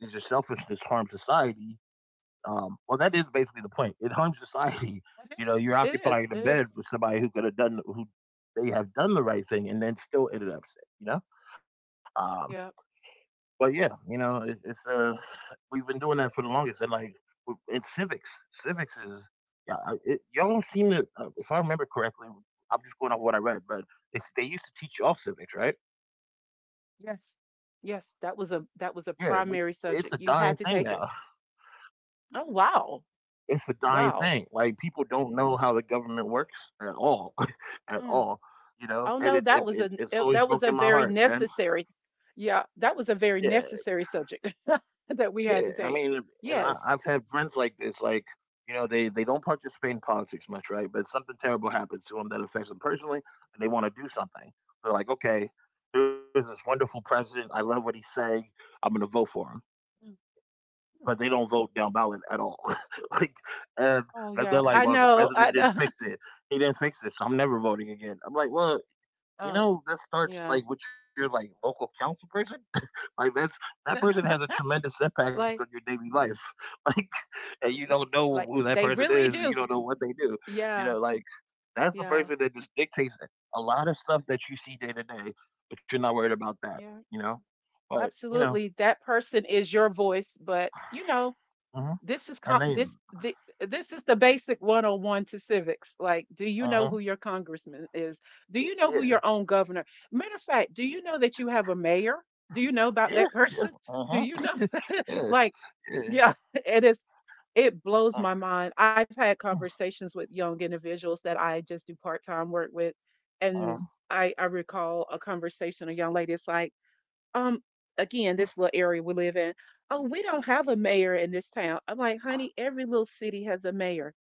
S1: does your selfishness harm society, um, well, that is basically the point. It harms society.
S2: It
S1: You know,
S2: is.
S1: you're
S2: It is.
S1: occupying the
S2: It
S1: bed
S2: is.
S1: with somebody who could have done who they have done the right thing and then still ended up sick. You know, um,
S2: Yeah.
S1: but yeah, you know, it, it's uh, we've been doing that for the longest, and like in civics, civics is yeah, I- it, y'all seem to. Uh, if I remember correctly, I'm just going off what I read, but it's, they used to teach y'all civics, right?
S2: Yes. Yes.
S1: Yeah,
S2: That
S1: we
S2: was a that
S1: It's
S2: was
S1: a
S2: a
S1: dying
S2: primary
S1: thing now.
S2: subject. You had to take it. Oh
S1: It's a
S2: wow.
S1: dying thing. Like people
S2: Wow.
S1: don't know how the government works at all, at all.
S2: Mm.
S1: You know, and it, it,
S2: Oh no,
S1: it
S2: that
S1: it's
S2: was a
S1: always
S2: eh,
S1: broken
S2: that
S1: my
S2: was a
S1: heart,
S2: very
S1: man.
S2: necessary. Yeah, that was a
S1: Yeah,
S2: very necessary subject that we
S1: yeah.
S2: had
S1: I
S2: to take.
S1: mean, and I,
S2: Yes.
S1: I've had friends like this. Like, you know, they they don't participate in politics much, right? But something terrible happens to them that affects them personally, and they want to do something. They're like, okay, here's this wonderful president. I love what he's saying. I'm gonna vote for him,
S2: Mm, mm.
S1: but they don't vote down ballot at all. Like, and
S2: Oh yeah, I
S1: they're like, well,
S2: know.
S1: the
S2: I know.
S1: president didn't fix it. He didn't fix it, so I'm never voting again. I'm like, well,
S2: Oh
S1: you know, that
S2: yeah.
S1: starts like with your like local council person. Like, that's that person has a tremendous impact
S2: Like
S1: on your daily life. Like, and you
S2: i- i-
S1: don't know
S2: like
S1: who that
S2: they
S1: person
S2: really
S1: is. You
S2: do.
S1: don't know what they do. You
S2: Yeah.
S1: know, like that's the
S2: Yeah.
S1: person that just dictates a lot of stuff that you see day to day, but you're not worried about that.
S2: Yeah.
S1: You know, but you know,
S2: Absolutely. That person is your voice, but you know,
S1: mhm.
S2: this is
S1: and
S2: comp this
S1: then,
S2: the, this is the basic one oh one to civics. Like, do you
S1: uh
S2: know who
S1: huh,
S2: your congressman is? Do you know who your
S1: yeah.
S2: own governor? Matter of fact, do you know that you have a mayor? Do you know about
S1: Yeah,
S2: that
S1: yeah,
S2: person? Do
S1: uh-huh.
S2: you know?
S1: Yeah,
S2: Like,
S1: yeah,
S2: yeah, it is. It blows my
S1: uh,
S2: mind. I've had
S1: mm,
S2: conversations with young individuals that I just do part-time work with, and
S1: uh,
S2: i i recall a conversation, a young lady is like, um, again, this little area we live in, oh, we don't have a mayor in this town. I'm like, honey, every little city has a mayor.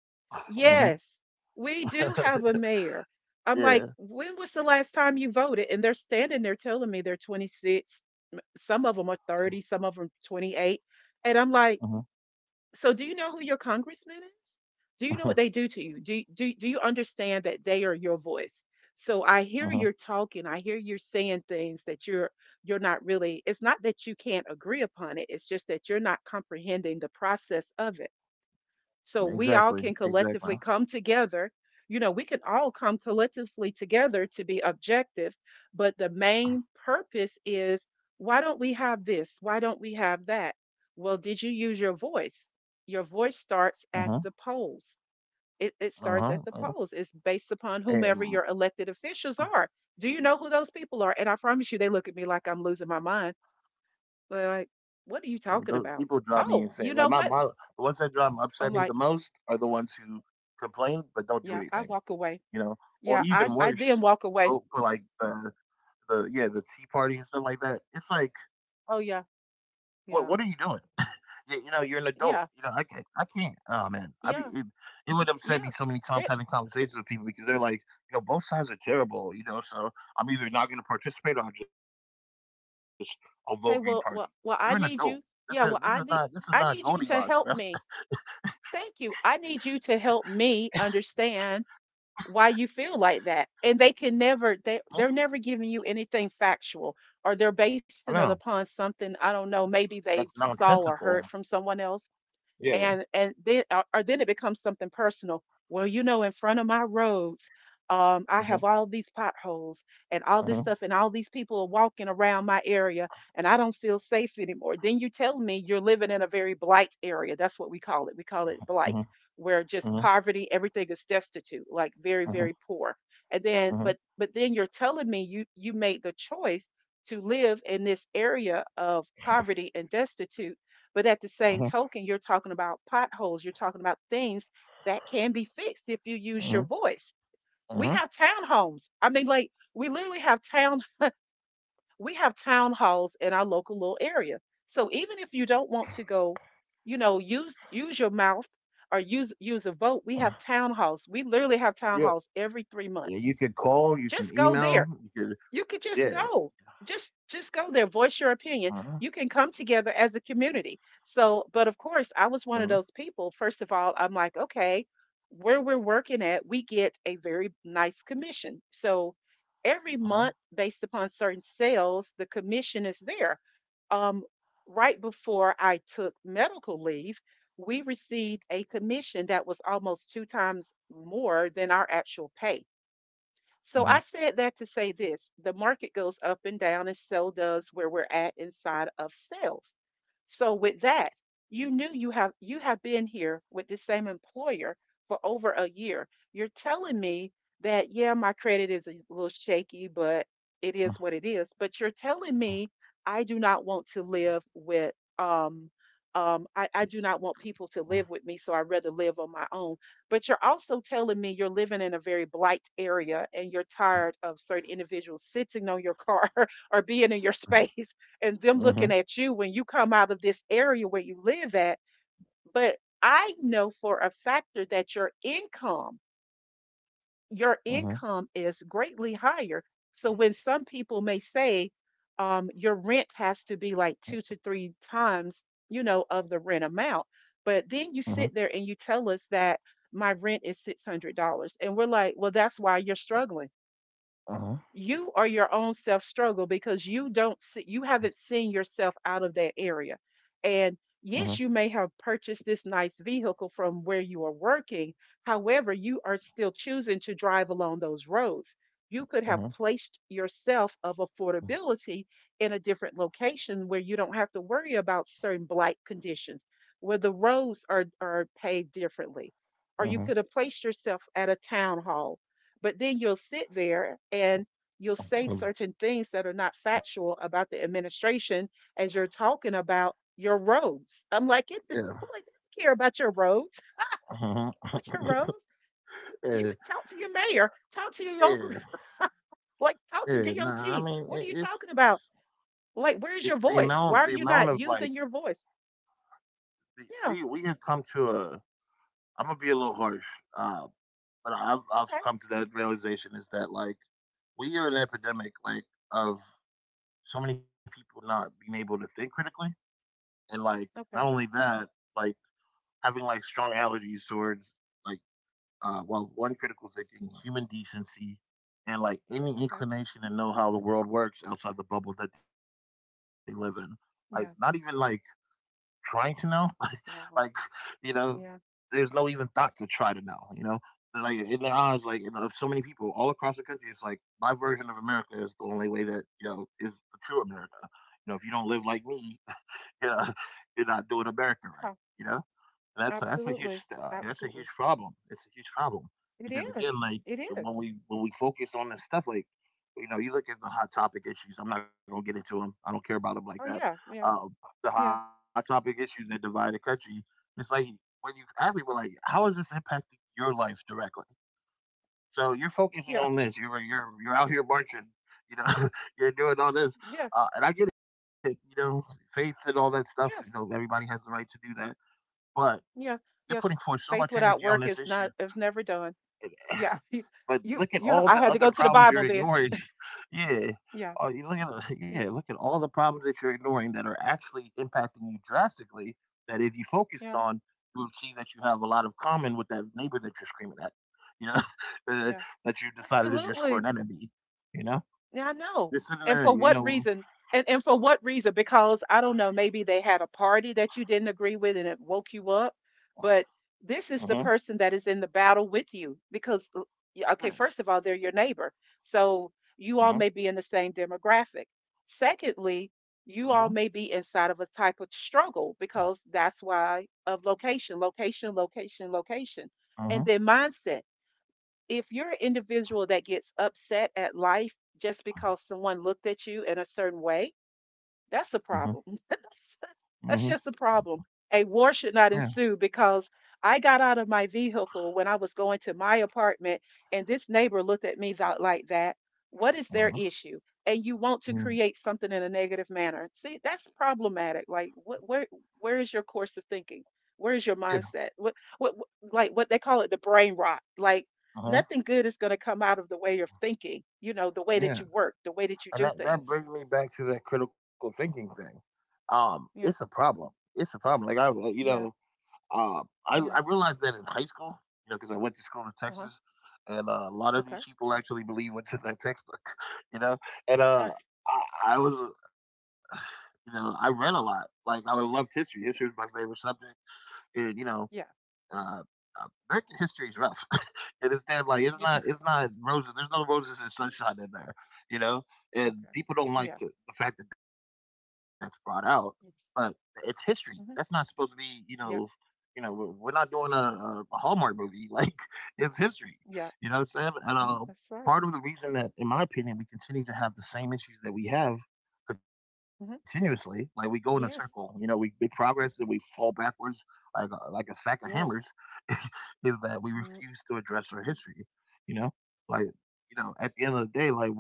S1: uh-huh.
S2: Yes, we do have a mayor. I'm like,
S1: Yeah,
S2: when was the last time you voted? And they're standing there telling me they're twenty-six. Some of them are thirty, some of them twenty-eight. And I'm like,
S1: mhm,
S2: so do you know who your congressman is? Do you know what they
S1: uh-huh,
S2: do to you? Do, do, do you understand that they are your voice? So I hear
S1: uh-huh.
S2: you're talking, I hear you're saying things that you're you're not really, it's not that you can't agree upon it, it's just that you're not comprehending the process of it. So we all
S1: Exactly,
S2: can
S1: exactly.
S2: collectively come together, you know, we can all come collectively together to be objective, but the main purpose is, why don't we have this, why don't we have that? Well, did you use your voice? Your voice starts
S1: Uh-huh,
S2: at the polls. It, it
S1: uh-huh,
S2: starts at the
S1: uh-huh.
S2: polls. It's based upon whomever
S1: And
S2: your elected officials are. Do you know who those people are? And I promise you, they look at me like I'm losing my mind. They're
S1: those
S2: like,
S1: people
S2: what are
S1: drive
S2: you
S1: me
S2: talking
S1: insane. Like
S2: about?
S1: my mom,
S2: Oh,
S1: the
S2: you
S1: ones
S2: know
S1: that
S2: what?
S1: drive upset me the most are
S2: I'm
S1: the
S2: like,
S1: ones who complain but don't do anything,
S2: yeah, I
S1: you know?
S2: walk away.
S1: Or even
S2: Yeah,
S1: worse,
S2: I I didn't
S1: vote for
S2: walk
S1: like
S2: away.
S1: the the yeah, the tea party and stuff like that. It's like,
S2: Oh yeah,
S1: what what are you
S2: yeah,
S1: doing? You, you know, you're an adult.
S2: yeah,
S1: You know, I can't. I can't. Oh man, I mean,
S2: yeah,
S1: it, it would upset me
S2: yeah.
S1: so many times
S2: It
S1: having conversations with people because they're like, you know, both sides are terrible. You know, so I'm either not going to participate or I am just a voting party. You're
S2: hey,
S1: an
S2: well,
S1: adult.
S2: well, well,
S1: This
S2: I
S1: is
S2: need
S1: this is
S2: you.
S1: not this is
S2: Yeah, well,
S1: not
S2: I need
S1: Goldilocks,
S2: I
S1: bro.
S2: need you to help me. Thank you. I need you to help me understand why you feel like that. And they can never,
S1: Mhm.
S2: they they're never giving you anything factual, or they're
S1: I
S2: basing it
S1: know
S2: upon something I don't know. Maybe they
S1: that's
S2: saw or heard
S1: nonsensical.
S2: from someone else,
S1: Yeah.
S2: and and then or, or then it becomes something personal. Well, you know in front of my roads, um, I have all
S1: Hmm.
S2: these potholes and all this stuff, and
S1: Hmm.
S2: all these people are walking around my area, and I don't feel safe anymore. Then you tell me you're living in a very blight area. That's what we call it. We call it blight,
S1: Hmm.
S2: where just
S1: Hmm.
S2: poverty, everything is destitute, like very, very poor.
S1: Hmm.
S2: And then, but
S1: Hmm.
S2: but then you're telling me you you made the choice to live in this area of poverty and destitute. But at the same
S1: Hmm.
S2: token, you're talking about potholes, you're talking about things that can be fixed if you use your
S1: Hmm.
S2: voice. We have
S1: Hmm.
S2: townhomes. I mean, like we literally have town, we have town halls in our local little area. So even if you don't want to go, you know, use use your mouth or use use a vote, we have town halls. We literally have town
S1: Yeah.
S2: halls every three
S1: Yeah,
S2: months.
S1: you could call, you can
S2: Just go
S1: email,
S2: there,
S1: you could,
S2: you could just
S1: yeah.
S2: go, just just go there,
S1: Uh-huh,
S2: voice your opinion. You can come together as a community. So, but of
S1: uh-huh,
S2: course, I was one of those people. First of all, I'm like, okay, where we're working at, we get a very nice commission, so
S1: uh-huh,
S2: every month, based upon certain sales, the commission is there. um, right before I took medical leave, we received a commission that was almost two times more than our actual pay. So I
S1: uh-huh,
S2: said that to say this: the market goes up and down, and so does where we're at inside of sales. So with that, you knew you have you have been here with the same employer for over a year. You're telling me that yeah, my credit is a little shaky, but it
S1: uh-huh.
S2: is what it is. But you're telling me I do not want to live with um um I, I do not want people to live with me, so I'd rather live on my own. But you're also telling me you're living in a very blight area and you're tired of certain individuals sitting on your car or being in your space and them
S1: Mhm.
S2: looking at you when you come out of this area where you live at. But I know for a factor that your income your
S1: Mhm.
S2: income is greatly higher. So when some people may say um, your rent has to be like two to three times, you know, of the rent amount, but then you
S1: Mhm.
S2: sit there and you tell us that my rent is six hundred dollars, and we're like, well, that's why you're struggling.
S1: Mhm.
S2: You are your own self struggle because you don't see, you haven't seen yourself out of that area. And
S1: Mhm.
S2: yes, you may have purchased this nice vehicle from where you are working, however you are still choosing to drive along those roads. You could have
S1: Mhm.
S2: placed yourself of affordability in a different location where you don't have to worry about certain blight conditions, where the roads are are paved differently, or you
S1: Mhm.
S2: could have placed yourself at a town hall. But then you'll sit there and you'll say
S1: Mhm.
S2: certain things that are not factual about the administration as you're talking about your roads. I'm like, it,
S1: Yeah.
S2: I'm like, they don't care about your roads.
S1: Mhm.
S2: About your roads. You
S1: Yeah.
S2: can talk to your mayor, talk to your local,
S1: Yeah.
S2: like talk to
S1: Yeah. Nah. I
S2: D O T.
S1: mean,
S2: What are
S1: it,
S2: you talking
S1: it's
S2: about? Like,
S1: it,
S2: where's
S1: the
S2: your
S1: amount.
S2: voice?
S1: The
S2: Why are you
S1: amount of
S2: not
S1: like
S2: using your voice?
S1: the,
S2: Yeah.
S1: we we have come to a. I'm gonna be a little harsh, uh, but I've I've
S2: Okay.
S1: come to that realization is that like we are an epidemic like of so many people not being able to think critically and like not
S2: Okay.
S1: only that, like having like strong allergies towards like, uh, well, one critical thinking, human decency, and like any
S2: Okay.
S1: inclination to know how the world works outside the bubble that they live in. Like, not even like
S2: Yeah.
S1: trying to know. Like, you
S2: Wow.
S1: know, there's no
S2: Yeah.
S1: even thought to try to know, you know? They're, Like, in their eyes, like, you of so many people all across the country, it's like, my version of America is the only way that, you know, is the true America. You know, if you don't live like me, yeah, you're not doing America right,
S2: Yeah.
S1: you know? That's a, that's a huge
S2: Absolutely.
S1: uh, that's a huge
S2: Absolutely.
S1: problem. It's a huge problem
S2: It
S1: because again,
S2: is.
S1: like
S2: It
S1: when
S2: is.
S1: we when we focus on this stuff, like you know, you look at the hot topic issues. I'm not gonna get into them. I don't care about them like that.
S2: Oh yeah. Yeah.
S1: Um, the hot
S2: Yeah.
S1: topic issues that divide the country. It's like, when you ask people, like, how is this impacting your life directly? So you're focusing on this.
S2: Yeah.
S1: You're you're you're out here marching. You know, you're doing all this, uh,
S2: Yeah.
S1: and I get it. You know, faith and all that stuff. You know, everybody
S2: Yes.
S1: has the right to do that. But
S2: Yeah.
S1: you're putting forth
S2: Yes.
S1: so much
S2: Faith
S1: energy on
S2: without
S1: this
S2: work
S1: issue,
S2: is not, is never done.
S1: eh,
S2: Yeah.
S1: but look
S2: You
S1: at all
S2: you, you
S1: the
S2: I had
S1: other
S2: to go to the
S1: problems you're
S2: Bible then.
S1: ignoring. Yeah.
S2: Yeah.
S1: Uh, you look at the-
S2: Yeah.
S1: yeah, look at all the problems that you're ignoring that are actually impacting you drastically. That if you focused
S2: Yeah.
S1: on, you would see that you have a lot of common with that neighbor that you're screaming at. You know,
S2: Yeah.
S1: uh, that you decided is your
S2: Absolutely.
S1: sworn enemy. You know,
S2: Yeah, I know.
S1: you're
S2: And
S1: sitting
S2: for
S1: there.
S2: what
S1: You
S2: reason?
S1: know,
S2: And and for what reason? Because I don't know, maybe they had a party that you didn't agree with and it woke you up. But
S1: uh-huh,
S2: this is the person that is in the battle with you because l-
S1: yeah,
S2: yeah, okay, first of all, they're your neighbor. So
S1: uh-huh,
S2: you all may be in the same demographic.
S1: uh-huh,
S2: Secondly, you all may be inside of a type of struggle because that's why, of location, location, location, location.
S1: uh-huh,
S2: And then mindset, if you're an individual that gets upset at life just because someone looked at you in a certain way, that's
S1: uh-huh,
S2: a problem. That's just
S1: uh-huh,
S2: that's just a problem. A war should
S1: yeah,
S2: not ensue because I got out of my vehicle when I was going to my apartment and this neighbor looked at me tha- like that. What is their
S1: uh-huh,
S2: issue? And you want to
S1: mm,
S2: create something in a negative manner. See, that's problematic. Like what, where where is your course of thinking? Where is your
S1: yeah,
S2: mindset? What what, what like what they call it, the brain rot. Like
S1: uh-huh,
S2: nothing good is going to come out of the way of thinking, you know, the way
S1: yeah.
S2: that you work, the way that you
S1: And
S2: do
S1: that that
S2: things.
S1: brings me back to that critical thinking thing. Um, it's a
S2: Yeah.
S1: problem. It's a problem. Like I, like, you know,
S2: Yeah.
S1: uh, I I
S2: Yeah.
S1: realized that in high school, you know, because I went to school in
S2: Uh-huh.
S1: Texas, and uh, a lot of these
S2: Okay.
S1: people actually believe what's in that textbook, you know. And
S2: Uh,
S1: uh, I, I was, uh, you know, I read a lot. Like I loved history. History was my favorite subject, and you know,
S2: yeah.
S1: uh, uh, American history is rough, and it's damn like it's
S2: Yeah.
S1: not it's not roses. There's no roses and sunshine in there, you know. And
S2: Okay.
S1: people don't like
S2: Yeah.
S1: the, the fact that that's brought out, but it's
S2: Yes.
S1: history. That's not supposed to be,
S2: Mm-hmm.
S1: you know, you know,
S2: Yeah.
S1: We're, we're not doing a, a a Hallmark movie. Like it's history, you know what I'm
S2: Yeah.
S1: saying? And uh, part of
S2: That's
S1: the
S2: right.
S1: reason that, in my opinion, we continue to have the same issues that we have continuously, like we
S2: Mm-hmm.
S1: go in a circle. You know, we make
S2: Yes.
S1: progress and we fall backwards like a, like a sack of hammers
S2: Yes.
S1: is that we refuse to
S2: Mm,
S1: address our history. You know, like you know, at the end of the day, like we're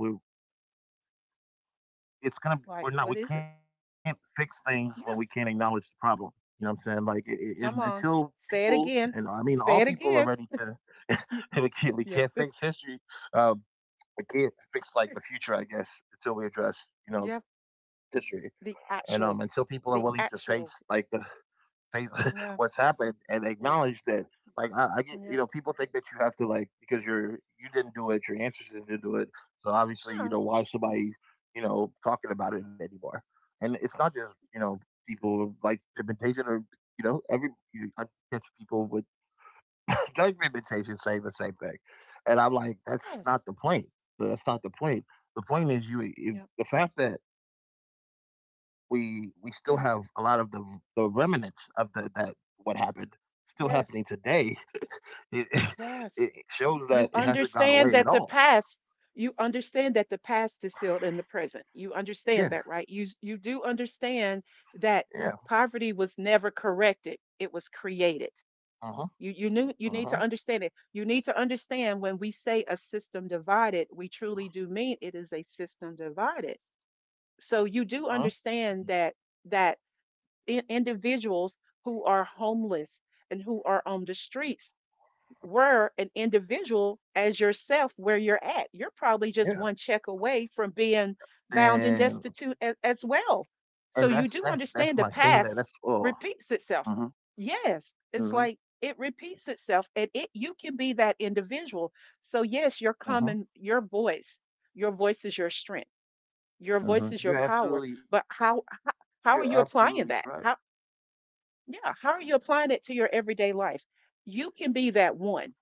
S1: it's gonna we're
S2: like,
S1: not we
S2: what is
S1: can't
S2: it?
S1: fix things when we can't acknowledge the
S2: Yes.
S1: problem. You know what I'm saying? Like, i i- and
S2: Come
S1: until
S2: on.
S1: people,
S2: Say it
S1: and I
S2: again.
S1: mean all
S2: Say it
S1: people, are ready
S2: again.
S1: to
S2: Y-
S1: we can't we can't
S2: Yeah.
S1: fix history. Um, we can't fix like the future, I guess, until we address, you
S2: Yep.
S1: know, history
S2: The
S1: and um until
S2: actual.
S1: people are willing
S2: The
S1: to face
S2: actual.
S1: like the face what's
S2: Yeah.
S1: happened and
S2: Mm,
S1: acknowledge that, like, I, I get, you
S2: yeah.
S1: know, people think that you have to, like, because you're you didn't do it, your ancestors didn't do it, so obviously, you
S2: Yeah.
S1: know, why is somebody, you know, talking about it anymore? And it's not just, you know, people like pigmentation or, you know, every you, I catch people with drug pigmentation saying the same thing, and I'm like, that's
S2: Yes.
S1: not the point, that's not the point, the point is you if,
S2: Yeah.
S1: the fact that we we still have a lot
S2: Yeah.
S1: of the the remnants of the, that, what happened, still happening
S2: Yes.
S1: today. It, it
S2: Yes.
S1: shows that it
S2: You
S1: hasn't gone away at
S2: understand that
S1: all.
S2: the past, you understand that the past is still in the present. You
S1: Yeah,
S2: understand that, right? You you do
S1: yeah,
S2: understand that poverty was never corrected. It was
S1: uh huh,
S2: created.
S1: uh
S2: You
S1: huh,
S2: you knew you need to understand it. You need to understand when we say a system divided, we truly do mean it is a system divided. So
S1: uh
S2: you
S1: huh,
S2: do understand that that i- individuals who are homeless and who are on the streets were an individual as yourself where you're at. You're probably just
S1: yeah,
S2: one check away from being bound and
S1: and
S2: destitute as, as
S1: and
S2: well.
S1: that's that's
S2: So
S1: that's my
S2: you do
S1: thing. That that's
S2: understand the
S1: oh,
S2: past
S1: uh huh,
S2: repeats itself.
S1: uh huh,
S2: Yes, it's like it repeats itself and it, you can be that individual. So
S1: uh
S2: yes, your
S1: huh,
S2: common, your voice, your voice is your strength.
S1: uh
S2: Your
S1: huh.
S2: voice
S1: You're
S2: is your power,
S1: absolutely you're
S2: but how
S1: absolutely
S2: how,
S1: correct.
S2: how are you applying that? How, yeah, how are you applying it to your everyday life? You can be that one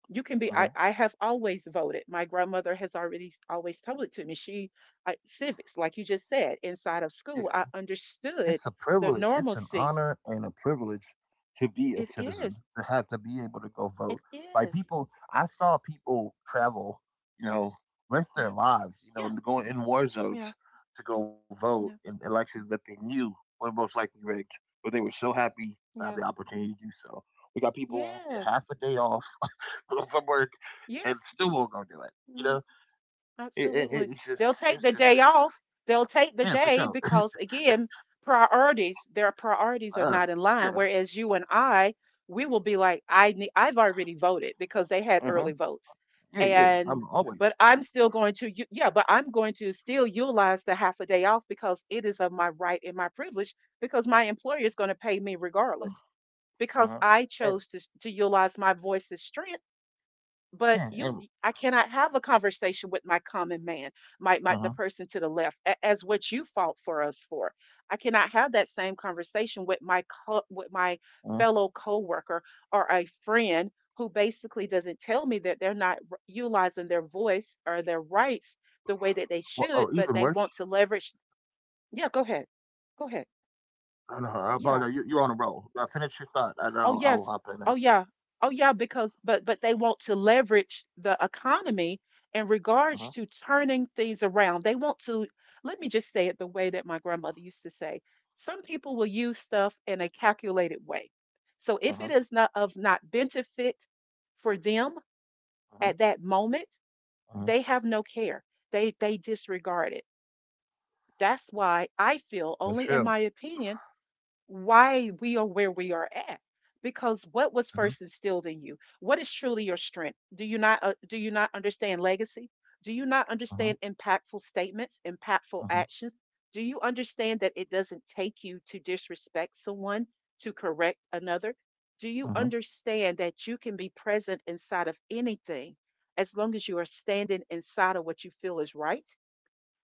S1: Uh
S2: you
S1: huh.
S2: can be I, I have always voted. My grandmother has already always told it to me, she I, civics like you just said inside
S1: Yeah.
S2: of school, I
S1: It's a
S2: understood
S1: privilege,
S2: the
S1: it's an
S2: normalcy,
S1: honor and a privilege to be a
S2: it
S1: citizen,
S2: is,
S1: to have to be able to go
S2: it
S1: vote. Like,
S2: is.
S1: people I saw people travel, you know, risk their
S2: Yeah,
S1: lives, you know,
S2: yeah,
S1: to go in war zones
S2: yeah,
S1: to go vote in
S2: yeah,
S1: elections that they knew were most likely rigged, but they were so happy to have the
S2: yeah,
S1: opportunity to do so. We got people who get
S2: yes,
S1: half a day off from work and
S2: yes.
S1: still won't go do it. You
S2: No.
S1: know, it, it,
S2: Absolutely.
S1: it's just,
S2: They'll take
S1: it's,
S2: the
S1: it's
S2: day off. They'll
S1: yeah, for
S2: take the
S1: sure.
S2: day because, again, priorities, their
S1: Uh,
S2: priorities are not in
S1: yeah.
S2: line. Whereas you and I, we will be like, I need, I've already voted because they had
S1: Mhm.
S2: early votes.
S1: Yeah, yeah,
S2: And,
S1: I'm
S2: but
S1: always.
S2: I'm still going to, u- yeah, but I'm going to still utilize the half a day off because it is of my right and my privilege, because my employer is going to pay me regardless,
S1: Uh-huh.
S2: because I
S1: And
S2: chose to, to utilize my voice's strength. But
S1: yeah,
S2: you,
S1: and
S2: I cannot have a conversation with my common man, my, my the
S1: uh-huh.
S2: person to the left a- as what you fought for us for. I cannot have
S1: Uh-huh.
S2: that same conversation with my co- with my fellow coworker or a friend who basically doesn't tell me that they're not r- utilizing their voice or their rights
S1: Well, or
S2: the way
S1: even
S2: that they
S1: worse.
S2: should, but they want to leverage, yeah, go ahead, go ahead,
S1: I know. I apologize. You you're on
S2: yeah.
S1: the roll. Now finish your thought, and I'll I'll
S2: Oh
S1: hop in
S2: yes.
S1: after.
S2: Oh yeah. Oh yeah, because but but they want to leverage the economy in
S1: Uh-huh.
S2: regards to turning things around. They want to, let me just say it the way that my grandmother used to say. Some people will use stuff in a calculated way. So if it
S1: Uh-huh.
S2: is not of not benefit for them at
S1: Uh-huh.
S2: that moment, they
S1: Uh-huh.
S2: have no care. They they disregard it. That's why
S1: That's
S2: I
S1: true.
S2: feel, only in my opinion, why we are where we are at, because what was
S1: Uh-huh.
S2: first instilled in you, what is truly your strength? Do you not uh, do you not understand legacy? Do you not understand
S1: Uh-huh.
S2: impactful statements, impactful
S1: Uh-huh.
S2: actions? Do you understand that it doesn't take you to disrespect someone to correct another? Do you
S1: Uh-huh.
S2: understand that you can be present inside of anything as long as you are standing inside of what you feel is right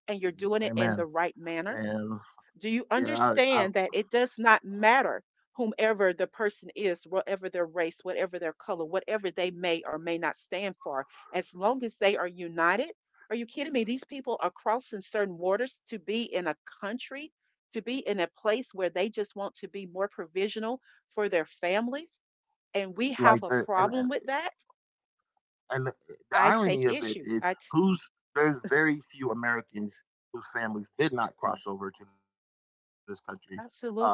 S2: and you're doing it in
S1: Amen.
S2: the right manner?
S1: Man.
S2: Do you
S1: Yeah. I I
S2: understand that it does not matter whomever the person is, whatever their race, whatever their color, whatever they may or may not stand for, as long as they are united? Are you kidding me? These people are crossing certain waters to be in a country, to be in a place where they just want to be more provisional for their families. And we
S1: like
S2: have a
S1: the And
S2: problem with that.
S1: And the, the
S2: I take
S1: irony of it
S2: issue.
S1: is,
S2: I t-
S1: who's there's very few Americans whose families did
S2: Mm,
S1: not cross over to this country uh,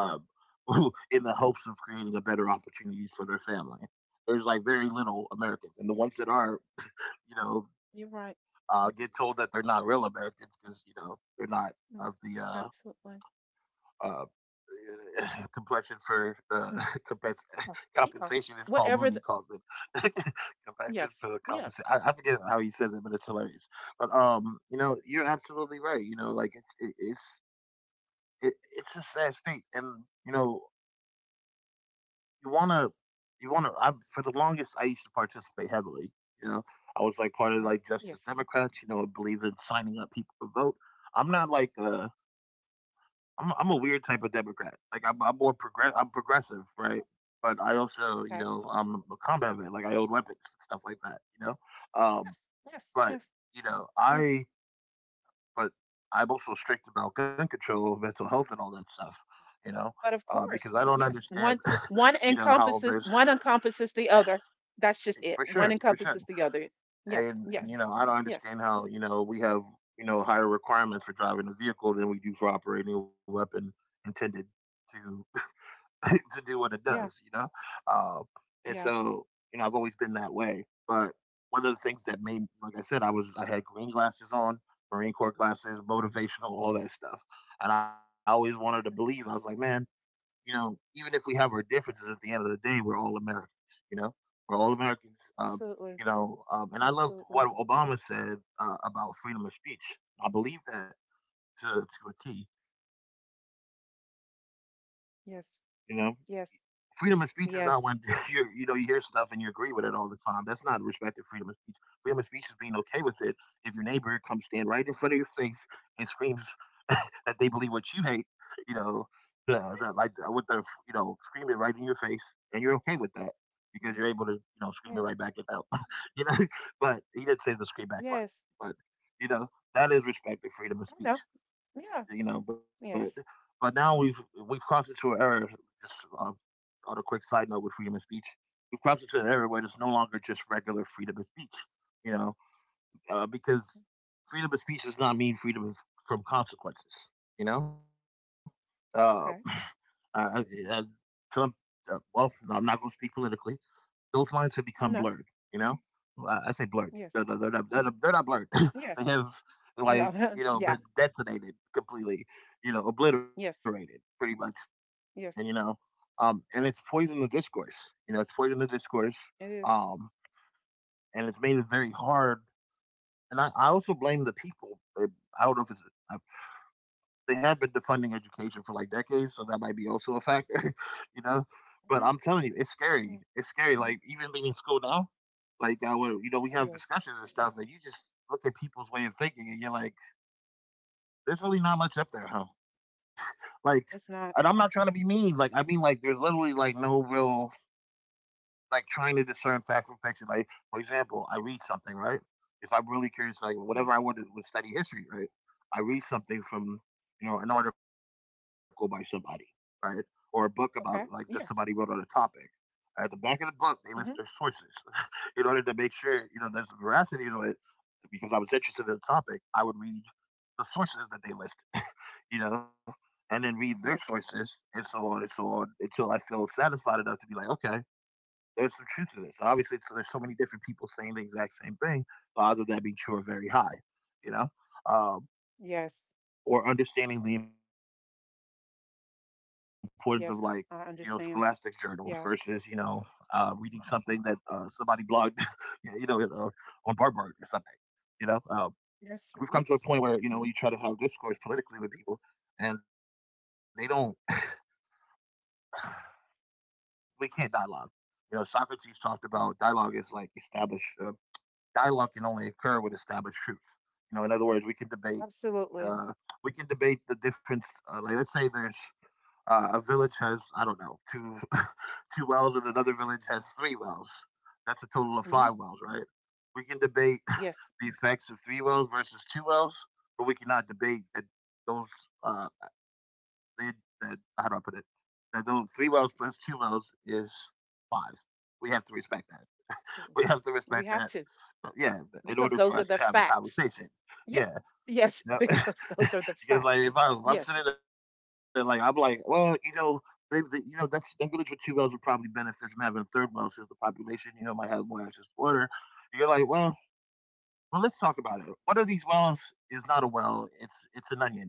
S1: in the hopes of creating a better opportunities for their family. There's like very little Americans, and the ones that are, you know,
S2: You're right.
S1: uh, get told that they're not real Americans because you know they're not
S2: Mm,
S1: of the uh,
S2: absolutely.
S1: uh, eh, complexion for uh,
S2: Mm,
S1: compens-
S2: yeah. Yeah,
S1: compensation is Paul
S2: whatever th-
S1: Mooney calls it compensation
S2: Yes.
S1: for
S2: Yes.
S1: compensation. I forget how he says it, but it's hilarious. But um, you know, you're absolutely right. You know, like it's it, it's it, it's a sad state, and you know, you wanna you wanna. I for the longest, I used to participate heavily. You know, I was like part of
S2: Uh-huh.
S1: like Justice
S2: Yes.
S1: Democrats. You know, I believe in signing up people to vote. I'm not like uh I'm I'm a weird type of Democrat. Like I'm I'm more progress I'm progressive, right? But I also, you
S2: Okay.
S1: know, I'm a combat vet. Like I own weapons and stuff like that, you know. Um,
S2: Yes. Yes.
S1: but
S2: Yes.
S1: you know,
S2: Yes.
S1: I but I'm also strict about gun control, mental health, and all that stuff, you know,
S2: But of
S1: uh, because
S2: course,
S1: I don't
S2: yes.
S1: understand,
S2: One, one
S1: you know, how
S2: encompasses
S1: there's
S2: one encompasses the other. That's just it.
S1: for
S2: One
S1: sure, for sure,
S2: encompasses the other. Yes.
S1: and and you
S2: Yes.
S1: know, I don't
S2: Yes.
S1: understand how you know we have you know higher requirements for driving a vehicle than we do for operating a weapon intended to to do what it does,
S2: Yeah.
S1: you know? Um, and
S2: Yeah.
S1: so, you know, I've always been that way. But one of the things that made, like I said, I was, I had green glasses on, Marine Corps glasses, motivational, all that stuff. And I always wanted to believe. I was
S2: Okay.
S1: like, man, you know, even if we have our differences, at the end of the day, we're all Americans, you know? We're all Americans. Um,
S2: Absolutely.
S1: you know, um, and I loved what
S2: Absolutely.
S1: Obama said uh, about freedom of speech. I believe that to, to a T, you know? Freedom of speech is not when
S2: Yes.
S1: you you know
S2: Yes.
S1: you hear stuff and you agree with
S2: Yes.
S1: it all the time. That's not respecting freedom of speech. Freedom of speech is being okay with it if your neighbor comes stand right in front of your face and screams that they believe what you hate. You know, the, the, like uh, with the
S2: Yes.
S1: you know scream it right in your face, and you're okay with that because you're able to
S2: Mhm.
S1: you know scream it right back
S2: Yes.
S1: at them. you know, but he didn't say the scream back part,
S2: Yes.
S1: but you know that is respecting freedom of
S2: I know.
S1: speech
S2: Yeah.
S1: you know. But
S2: Yes.
S1: but now we've we've crossed into an era. Just uh, on a quick side note with freedom of speech, we've crossed into an era where it's no longer just regular freedom of speech, you know, uh, because freedom of speech does not mean freedom of, from consequences, you know. Uh,
S2: Okay.
S1: I, I, I, Trump. Uh, well, I'm not going to speak politically; those lines have become blurred.
S2: I know.
S1: You know, Well, I, I say blurred. They're, they're,
S2: Yes.
S1: not, they're, not, they're not blurred. They
S2: Yes.
S1: have like
S2: No.
S1: you know
S2: Yeah.
S1: been detonated completely. You know, obliterated
S2: Yes.
S1: pretty much. And you
S2: Yes.
S1: know, um, and it's poisoned the discourse. You know, it's poisoned the discourse.
S2: It is.
S1: Um, and it's made it very hard. And I, I also blame the people. I I don't know if it's uh, they have been defunding education for like decades, so that might be also a factor. you know, but
S2: Mhm.
S1: I'm telling you, it's scary.
S2: Yeah.
S1: It's scary. Like, even being in school now, like that, where you know we have
S2: Yes.
S1: discussions and stuff, and you just look at people's way of thinking and you're like, there's really not much up there, huh? like
S2: It's not.
S1: and I'm not trying to be mean. Like, I mean, like, there's literally like no real, like, trying to discern fact from fiction. Like, for example, I read something, right? If I'm really curious, like, whatever, I
S2: Yes.
S1: wanted to study history, right? I read something from you know an article by somebody, right? Or a book about, like, that somebody wrote
S2: Okay.
S1: on a topic.
S2: Yes.
S1: At the back of the book they list their sources.
S2: Mm-hmm.
S1: In order to make sure you know there's veracity to it, because I was interested in the topic, I would read the sources that they listed, you know, and then read their sources,
S2: Yes.
S1: and so on and so on, until I feel satisfied enough to be like, okay, there's some truth to this. Obviously, so there's so many different people saying the exact same thing. The odds of that being true are very high, you know, um,
S2: Yes.
S1: or understanding the importance of, like, you know, scholastic journals versus, you
S2: Yes.
S1: know,
S2: I
S1: uh,
S2: understand.
S1: reading something that
S2: Yeah.
S1: uh, somebody blogged, you know, uh, on Barbart or something, you know. Um, we've come to a point where,
S2: Yes.
S1: you know when you
S2: Yes.
S1: try to have discourse politically with people, and they don't, we can't dialogue. You know, Socrates talked about dialogue is
S2: No.
S1: like established. Uh, dialogue can only occur with established truth. You know, in other words, we can debate. Uh,
S2: Absolutely.
S1: we can debate the difference. Uh, like, let's say there's uh, a village has, I don't know, two two wells, and another village has three wells. That's a total of
S2: Mm-hmm.
S1: five wells, right? We can debate
S2: Yes.
S1: the effects of three wells versus two wells, but we cannot debate those, uh, they, that how do I put it? That those three rows plus two rows is five. We have to respect that.
S2: Absolutely.
S1: We have to
S2: We
S1: respect
S2: have
S1: that.
S2: to,
S1: But, yeah, in
S2: because
S1: order
S2: those are
S1: for us
S2: the
S1: to have a
S2: facts.
S1: conversation.
S2: Yeah.
S1: Yeah,
S2: Yes.
S1: you know,
S2: Because those are the
S1: because,
S2: facts.
S1: like, if I, I'm
S2: Yes.
S1: sitting there, like I'm like, well, you know, they, they, you know, that's, that village with two wells would probably benefit from having a third well, since the population, you know, might have more access to water. And you're like, well, well, let's talk about it. One of these wells is not a well; it's it's an onion.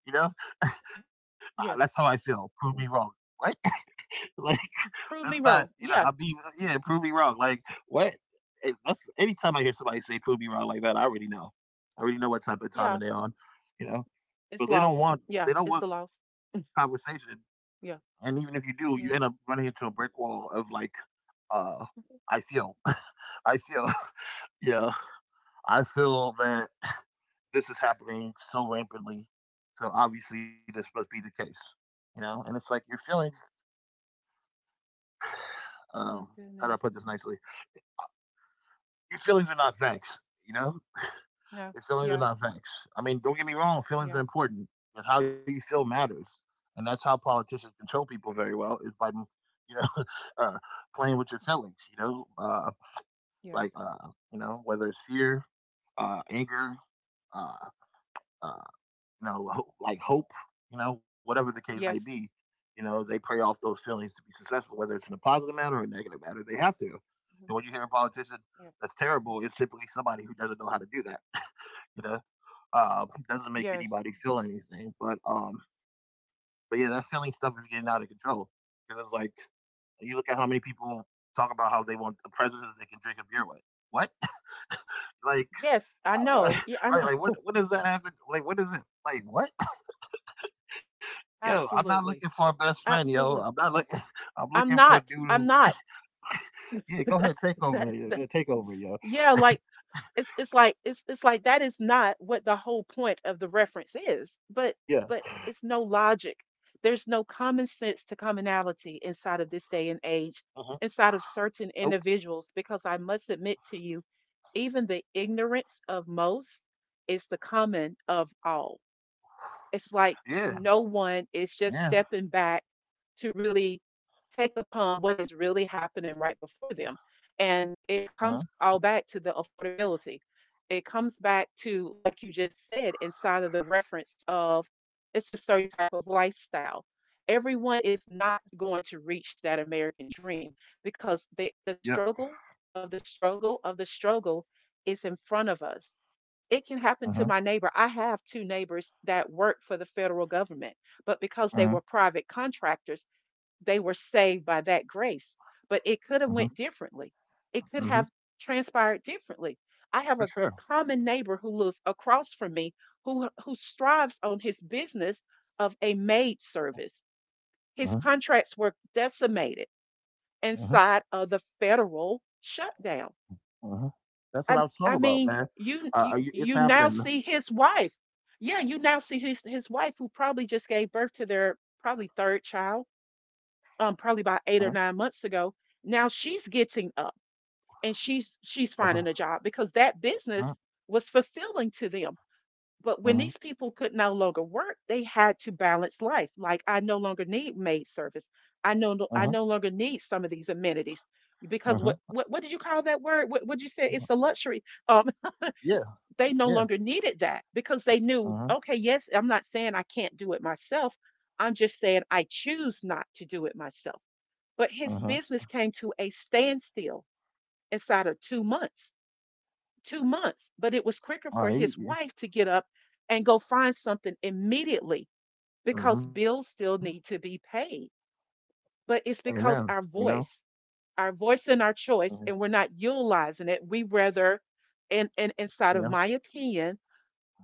S1: You know, uh, that's how I
S2: Yes.
S1: feel. Prove me wrong. What? Like, that's
S2: Prove
S1: not,
S2: me
S1: you know
S2: wrong.
S1: I'll be,
S2: Yeah.
S1: yeah, prove me wrong. Like, what? It, that's anytime I hear somebody say prove me wrong like that, I already know. I already know what type of time
S2: Yeah.
S1: they're on. You know,
S2: It's
S1: but they don't
S2: loss.
S1: want
S2: Yeah.
S1: they don't
S2: It's a
S1: want
S2: loss.
S1: conversation. And even if you
S2: Yeah.
S1: do, you end up running
S2: Yeah.
S1: into a brick wall of, like, uh, I
S2: Mhm.
S1: feel, I feel, yeah, I feel that this is happening so rampantly. So obviously this must be the case, you know. And it's like your feelings.
S2: Oh
S1: Um,
S2: my
S1: how do I
S2: goodness.
S1: put this nicely? Your feelings are not facts. You know,
S2: No.
S1: your feelings are
S2: Yeah.
S1: not facts. I mean, don't get me wrong, feelings are
S2: Yeah.
S1: important, but how you feel matters, and that's how politicians control people very well, is by you know uh, playing with your feelings. You know, uh,
S2: Yes.
S1: like, uh, you know whether it's fear, uh, anger, uh, uh, you know, ho- like, hope. You know, whatever the case may be.
S2: Yes.
S1: You know, they prey off those feelings to be successful, whether it's in a positive manner or a negative manner. They have to.
S2: Mhm.
S1: And when you hear a politician
S2: Yeah.
S1: that's terrible, it's typically somebody who doesn't know how to do that. you know. uh, it doesn't make
S2: Yes.
S1: anybody feel anything, but um, but yeah, that feeling stuff is getting out of control, because it's like, you look at how many people talk about how they want a president they can drink a beer with. What? Like,
S2: Yes, I
S1: uh,
S2: know. Yeah, I
S1: right? Like, what?
S2: know.
S1: What does that have to? Like, what is it? Like, what? Yo, I'm not looking
S2: Absolutely.
S1: for a best friend, yo. I'm
S2: Absolutely.
S1: not looking. I'm looking
S2: I'm
S1: for a dude
S2: not.
S1: who.
S2: I'm not.
S1: Yeah, go ahead,
S2: That,
S1: take over.
S2: that,
S1: Yeah,
S2: that-
S1: take over, yo.
S2: yeah, like it's it's like, it's it's like that is not what the whole point of the reference is. But
S1: Yeah.
S2: but it's no logic. There's no common sense to commonality inside of this
S1: Uh-huh.
S2: day and age, inside
S1: Nope.
S2: of certain individuals, because I must admit to you, even the ignorance of most is the common of all. It's like
S1: Yeah. Yeah.
S2: no one is just stepping back to really take upon what is really happening right before them.
S1: Uh
S2: And
S1: huh.
S2: it comes all back to the affordability. It comes back to, like you just said, inside of the reference of, it's a certain type of lifestyle. Everyone is not going to reach that American dream because
S1: Yep.
S2: the the struggle of the struggle of the struggle is in front of us. It
S1: Uh
S2: can
S1: huh.
S2: happen to my neighbor. I have two neighbors that work for the federal government, but
S1: Uh huh.
S2: because they were private contractors, they were saved by that grace. But it
S1: Uh
S2: could have
S1: huh.
S2: went differently. It
S1: Uh
S2: could
S1: huh.
S2: have transpired differently. I have
S1: For
S2: a
S1: sure.
S2: common neighbor who lives across from me who who strives on his business of a maid service.
S1: Uh huh.
S2: His contracts were decimated
S1: Uh huh.
S2: inside of the federal shutdown.
S1: Uh huh. That's what I
S2: I
S1: was talking
S2: I
S1: about,
S2: mean,
S1: man.
S2: you
S1: Uh,
S2: you
S1: are you, it's
S2: you now
S1: happening.
S2: see his wife. Yeah, you now see his his wife who probably just gave birth to their probably third child,
S1: Uh huh.
S2: um, probably about eight or nine months ago. Now she's getting up and she's
S1: uh
S2: she's finding a job because that
S1: Uh-huh.
S2: business was fulfilling to them.
S1: Uh
S2: But
S1: huh.
S2: when these people could no longer work, they had to balance life. Like I no longer need maid service. I no no, I no longer need some of these amenities
S1: Uh huh.
S2: because what what what did you call that word? What would you
S1: Uh
S2: say?
S1: huh.
S2: It's a luxury. Um,
S1: Yeah.
S2: they no
S1: Yeah.
S2: longer needed that because they
S1: Uh
S2: knew, okay, yes, I'm not saying I can't do it myself. I'm just saying I choose not to do it myself. But his
S1: huh.
S2: business came to a standstill inside of two months, two months. But it was quicker
S1: Uh,
S2: for
S1: he,
S2: his
S1: he-
S2: wife to get up and go find something immediately
S1: huh.
S2: because bills still need to be paid.
S1: Amen.
S2: But it's
S1: You know.
S2: because our voice, our voice
S1: Uh
S2: and
S1: huh.
S2: our choice, and we're not utilizing it. We rather, and, and
S1: Yeah.
S2: inside of my opinion,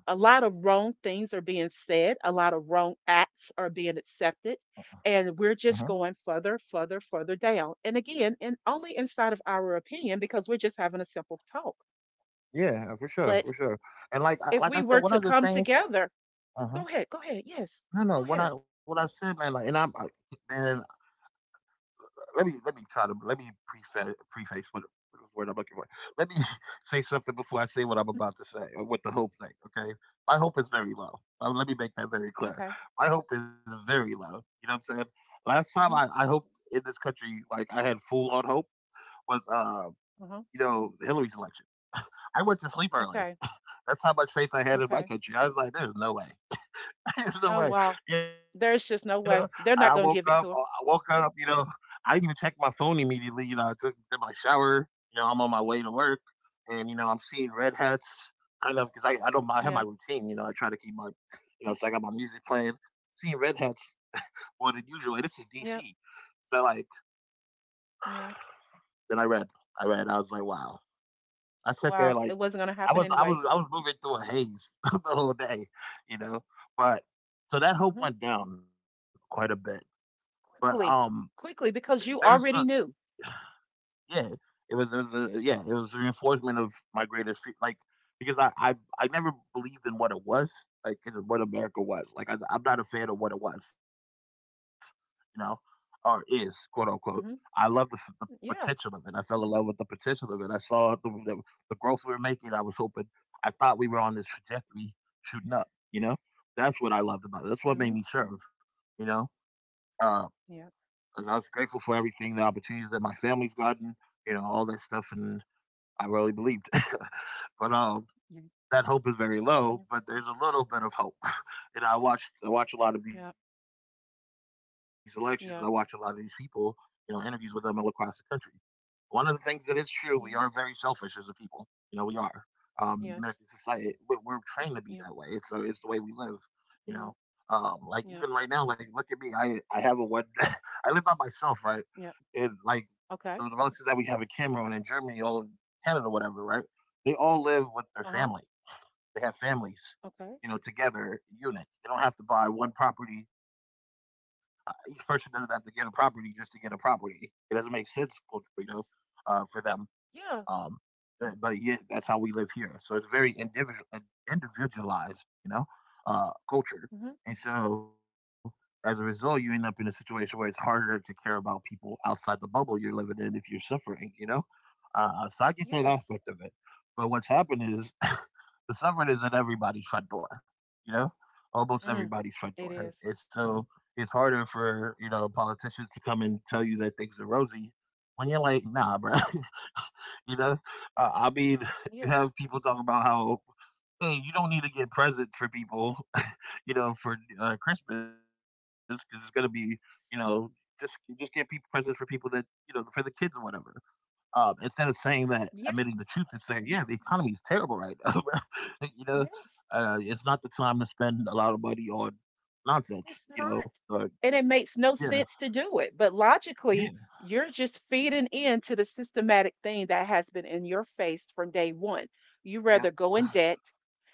S2: a lot of wrong things are being said, a lot of wrong acts are being accepted, and
S1: Uh
S2: we're
S1: huh.
S2: just going further, further, further down. And again, and only inside of our opinion because we're just having a simple talk.
S1: Yeah, for sure, for
S2: But
S1: sure. And like, I-
S2: if
S1: like I
S2: we
S1: said,
S2: were
S1: one
S2: to
S1: of the
S2: come
S1: things.
S2: together,
S1: Uh
S2: go
S1: huh.
S2: ahead, go ahead, yes, go
S1: No, no.
S2: ahead.
S1: What I, what I said, man. Like, and I'm, I, man. let me let me try to let me preface preface what what word I'm looking for. Let me say something before I say what I'm
S2: Mm.
S1: about to say or what the hope thing. Okay, my hope is very low. Uh, let me make that very clear.
S2: Okay.
S1: My hope is very low. You know what I'm saying? Last time I
S2: Hmm.
S1: I hoped in this country, like I had full on hope, was uh
S2: Uh-huh.
S1: you know Hillary's election. I went to sleep early.
S2: Okay.
S1: That's how much faith I had in my
S2: Okay.
S1: country. I was like, there's no way. There's
S2: Oh,
S1: no way,
S2: wow.
S1: you know?
S2: There's
S1: And I
S2: just no
S1: woke
S2: way.
S1: up, uh,
S2: They're
S1: I
S2: not gonna
S1: woke
S2: give it
S1: up,
S2: to
S1: you
S2: her.
S1: know, I didn't even check my phone immediately. You know, I took did my shower. You know, I'm on my way to work, and you know, I'm seeing red hats, kind of, because I I don't I have my
S2: Yeah.
S1: routine. You know, I try to keep my, you know, so I
S2: Huh.
S1: got my music playing. Seeing red hats more than usual. And this is D C,
S2: Yeah.
S1: so like,
S2: Yeah.
S1: then I read, I read, I was like, wow. I sat there
S2: Wow. It
S1: like,
S2: wasn't gonna
S1: I
S2: happen
S1: was I
S2: anyway.
S1: was I was moving through a haze the whole day, you know. But so that hope
S2: Hmm.
S1: went down quite a bit. But um,
S2: Quickly. Quickly
S1: There's
S2: because
S1: a,
S2: you already knew.
S1: yeah. It was it was a, yeah. It was a reinforcement of my greatest fe- like because I I I never believed in what it was like, in what America was like. I, I'm not a fan of what it was, you know or is, quote unquote. I love the,
S2: Mhm.
S1: f- the potential of it. I
S2: Yeah.
S1: fell in love with the potential of it. I saw the, the the growth we were making. I was hoping. I thought we were on this trajectory shooting up. You know, that's what I loved about it. That's what made
S2: Mhm.
S1: me serve. You know. uh
S2: Yeah.
S1: and I was grateful for everything, the opportunities that my family's gotten, you know, all that stuff, and I really believed. but um,
S2: Yeah.
S1: that hope is very low. But there's a little bit of hope. and I watched, I watch a lot of
S2: Yeah.
S1: these
S2: Yeah.
S1: elections, and I watch a lot of these people, you know,
S2: Yeah.
S1: interviews with them all across the country. One of the things that is true, we are very selfish as a
S2: Yeah.
S1: people. You know, we are. Um, the American
S2: Yes.
S1: society, we're, we're trained to be that way.
S2: Yeah.
S1: It's uh, it's the way we live. You know,
S2: Yeah.
S1: um, like even
S2: Yeah.
S1: right now, like look at me. I I have a one. I live by myself, right?
S2: Yeah.
S1: And like the,
S2: Okay.
S1: the relatives that we have in Cameroon and Germany, all of Canada, whatever, right? They all live with their
S2: Uh-huh.
S1: family. They have families,
S2: Okay.
S1: you know, together unit. They don't have to buy one property. Uh, each person doesn't have to get a property just to get a property. It doesn't make sense, culturally, you know,
S2: Yes.
S1: uh, for them. Um,
S2: Yeah.
S1: but, but yet that's how we live here. So it's very individual, individualized, you know, uh, culture.
S2: Mhm.
S1: And so as a result, you end up in a situation where it's harder to care about people outside the bubble you're living in if you're suffering, you know? Uh, so I get that
S2: Yes.
S1: aspect of it. But what's happened is the suffering is at everybody's front door, you know, almost
S2: Mm.
S1: everybody's front
S2: It is.
S1: door. And so it's harder for, you know, politicians to come and tell you that things are rosy when you're like, nah, bro. You know? Uh, I mean, you
S2: Yes.
S1: have people talking about how, hey, you don't need to get presents for people, you know, for uh, Christmas, because it's gonna be, you know, just just get people presents for people that you know, for the kids or whatever. Um, instead of saying that, admitting the
S2: Yeah.
S1: truth and saying, yeah, the economy is terrible right now, bro. You know,
S2: Yes.
S1: uh, it's not the time to spend a lot of money on nonsense.
S2: It's
S1: You know.
S2: not.
S1: Uh,
S2: And it makes no
S1: yeah,
S2: sense to do it. But
S1: yeah,
S2: logically, you're just feeding into the systematic thing that has been in your face from day one. You rather
S1: yep.
S2: go in debt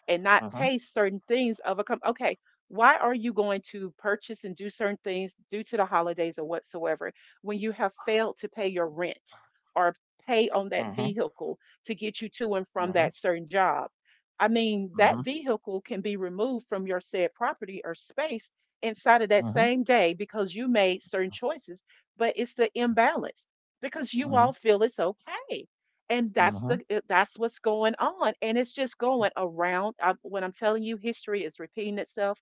S2: and not
S1: Uh
S2: pay
S1: huh.
S2: certain things of a com- okay. Why are you going to purchase and do certain things due to the holidays or whatsoever when you have failed to pay your rent or
S1: Uh huh.
S2: pay on that vehicle to get you
S1: Uh
S2: to
S1: huh.
S2: and from that certain job? I
S1: Uh huh.
S2: mean, that vehicle can be removed from your said property or space inside of that
S1: Uh
S2: same day because you made certain choices, but it's the imbalance because you
S1: huh.
S2: all feel it's okay. And that's
S1: Uh huh.
S2: the uh, that's what's going on. And it's just going around. I, when I'm telling you history is repeating itself,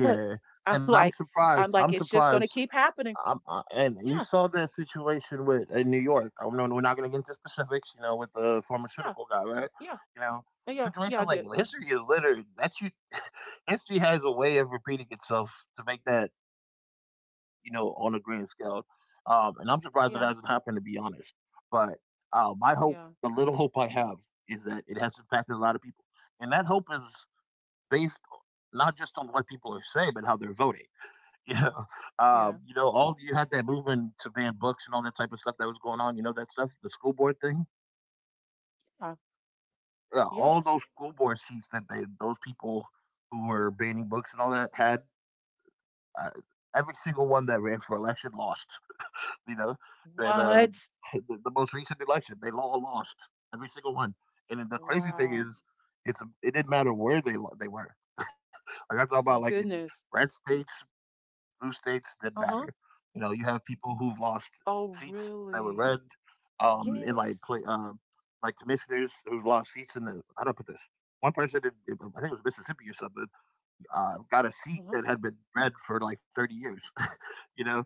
S1: Yeah,
S2: I'm
S1: and I'm
S2: like, I'm
S1: surprised
S2: like,
S1: I'm
S2: it's just gonna
S1: surprised,
S2: keep happening.
S1: um, uh, and you
S2: Yeah,
S1: saw that situation with in New York, I gonna get into specifics, you know, with the
S2: yeah,
S1: pharmaceutical guy, right?
S2: yeah,
S1: You know,
S2: uh, yeah, yeah, I
S1: situations like
S2: did.
S1: history is littered that you history has a way of repeating itself to make that, you know, on a grand scale. Um, and I'm surprised it hasn't happened, to be
S2: Yeah,
S1: honest, but, uh, my hope, the little
S2: yeah,
S1: hope I have, is that it has impacted a lot of people, and that hope is based not just on what people are saying, but how they're voting. Yeah.
S2: yeah,
S1: Um, you know, all you had that movement to ban books and all that type of stuff that was going on. You know that stuff, the school board thing.
S2: yeah.
S1: Yeah, all
S2: Yes.
S1: those school board seats that they, those people who were banning books and all that had, uh, every single one that ran for election lost. You know, and uh,
S2: What?
S1: the, the most recent election, they all lost, every single one. And then the crazy thing
S2: Wow.
S1: is, it's it didn't matter where they lo- they were. Like I talk about like
S2: Oh,
S1: in
S2: goodness.
S1: red states, blue states, didn't matter. You know,
S2: Uh-huh.
S1: you have people who've lost seats that
S2: Oh,
S1: were red,
S2: really?
S1: um, in like play,
S2: Yes.
S1: um, like commissioners who've lost seats in the. How do I put this? One person, in, in- I think it was Mississippi or something, uh, got a seat
S2: Uh-huh.
S1: that had been red for like thirty years. you know,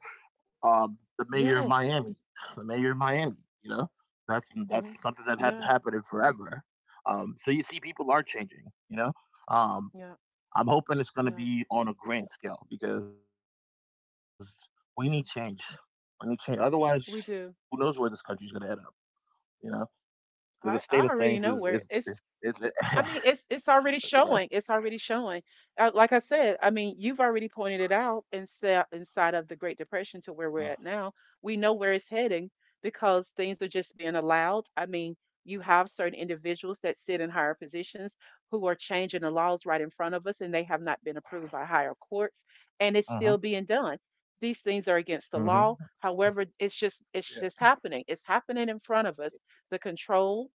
S1: um, The mayor of
S2: Yes.
S1: Miami, the mayor of Miami. You know, that's that's
S2: Hmm.
S1: something that hadn't
S2: Yeah,
S1: happened in forever. Um, so you see, people are changing. You know, um,
S2: yeah,
S1: I'm hoping it's going to
S2: yeah,
S1: be on a grand scale, because we need change. We need
S2: yeah.
S1: change. Otherwise, who knows where this
S2: We
S1: country is going to
S2: do.
S1: end up? You know, the state of things is
S2: I
S1: is
S2: I
S1: is
S2: already know
S1: is, is
S2: where it's I mean,
S1: you
S2: it's
S1: know.
S2: it's already showing. It's already showing. Uh, like I said, I mean, you've already pointed it out inside inside of the Great Depression to where we're at now. We know where it's heading because things are just being allowed. I mean, you have certain individuals that sit in higher positions who are changing the laws right in front of us, and they have not been approved by higher courts, and it's
S1: Uh huh.
S2: still being done. These
S1: Uh
S2: things
S1: huh.
S2: are against the law. However, it's
S1: Yeah.
S2: just it's just happening. It's happening in front of us. The control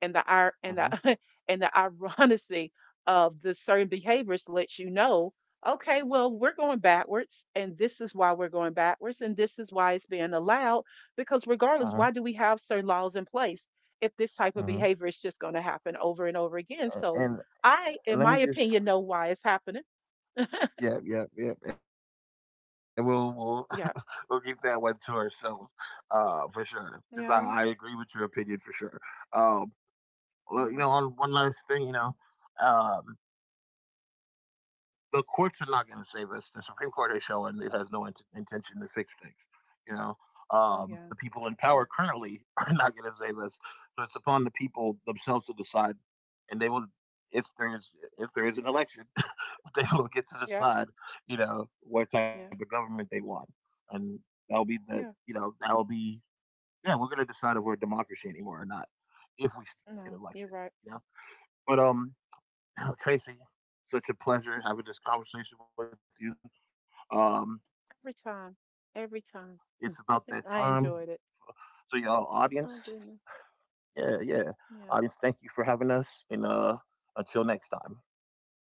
S2: and the
S1: Uh huh.
S2: ir- and the and the irony of the certain behaviors lets you know, okay, well we're going backwards, and this is why we're going backwards, and this is why it's being allowed. Because
S1: Uh huh.
S2: regardless, why do we have certain laws in place if this
S1: Uh huh.
S2: type of behavior is just going to happen over and over again?
S1: And,
S2: So I,
S1: and let me
S2: in my
S1: just.
S2: opinion, know why it's happening.
S1: Yeah, yeah, yeah, and we'll we'll we'll keep that one to
S2: Yeah.
S1: ourselves, uh, for sure. 'Cause I, I agree with your opinion for
S2: Yeah.
S1: sure. Um, well, you know, on one last thing,
S2: Yeah.
S1: you know, um, the courts are not going to save us. The Supreme Court is showing it has no int- intention to fix things. You know, um, the
S2: Oh,
S1: people in
S2: yeah.
S1: power currently are not going to save us. So it's upon the people themselves to decide, and they will. If there is if there is an election, they will get to
S2: Yeah.
S1: decide. You know what type of
S2: Yeah.
S1: government they want, and that'll be the, you
S2: Yeah.
S1: know, that'll be, yeah, we're going to decide if we're a democracy anymore or not, if we get an
S2: No,
S1: election.
S2: you're right.
S1: You know, but um Tracy, such a pleasure having this conversation with you. Um, it's about that
S2: Every time.
S1: time.
S2: Every time.
S1: So, y'all,
S2: I
S1: audience,
S2: enjoyed it.
S1: yeah, yeah,
S2: Oh,
S1: audience,
S2: goodness.
S1: thank you for having us, and uh,
S2: Yeah.
S1: until next time, yeah.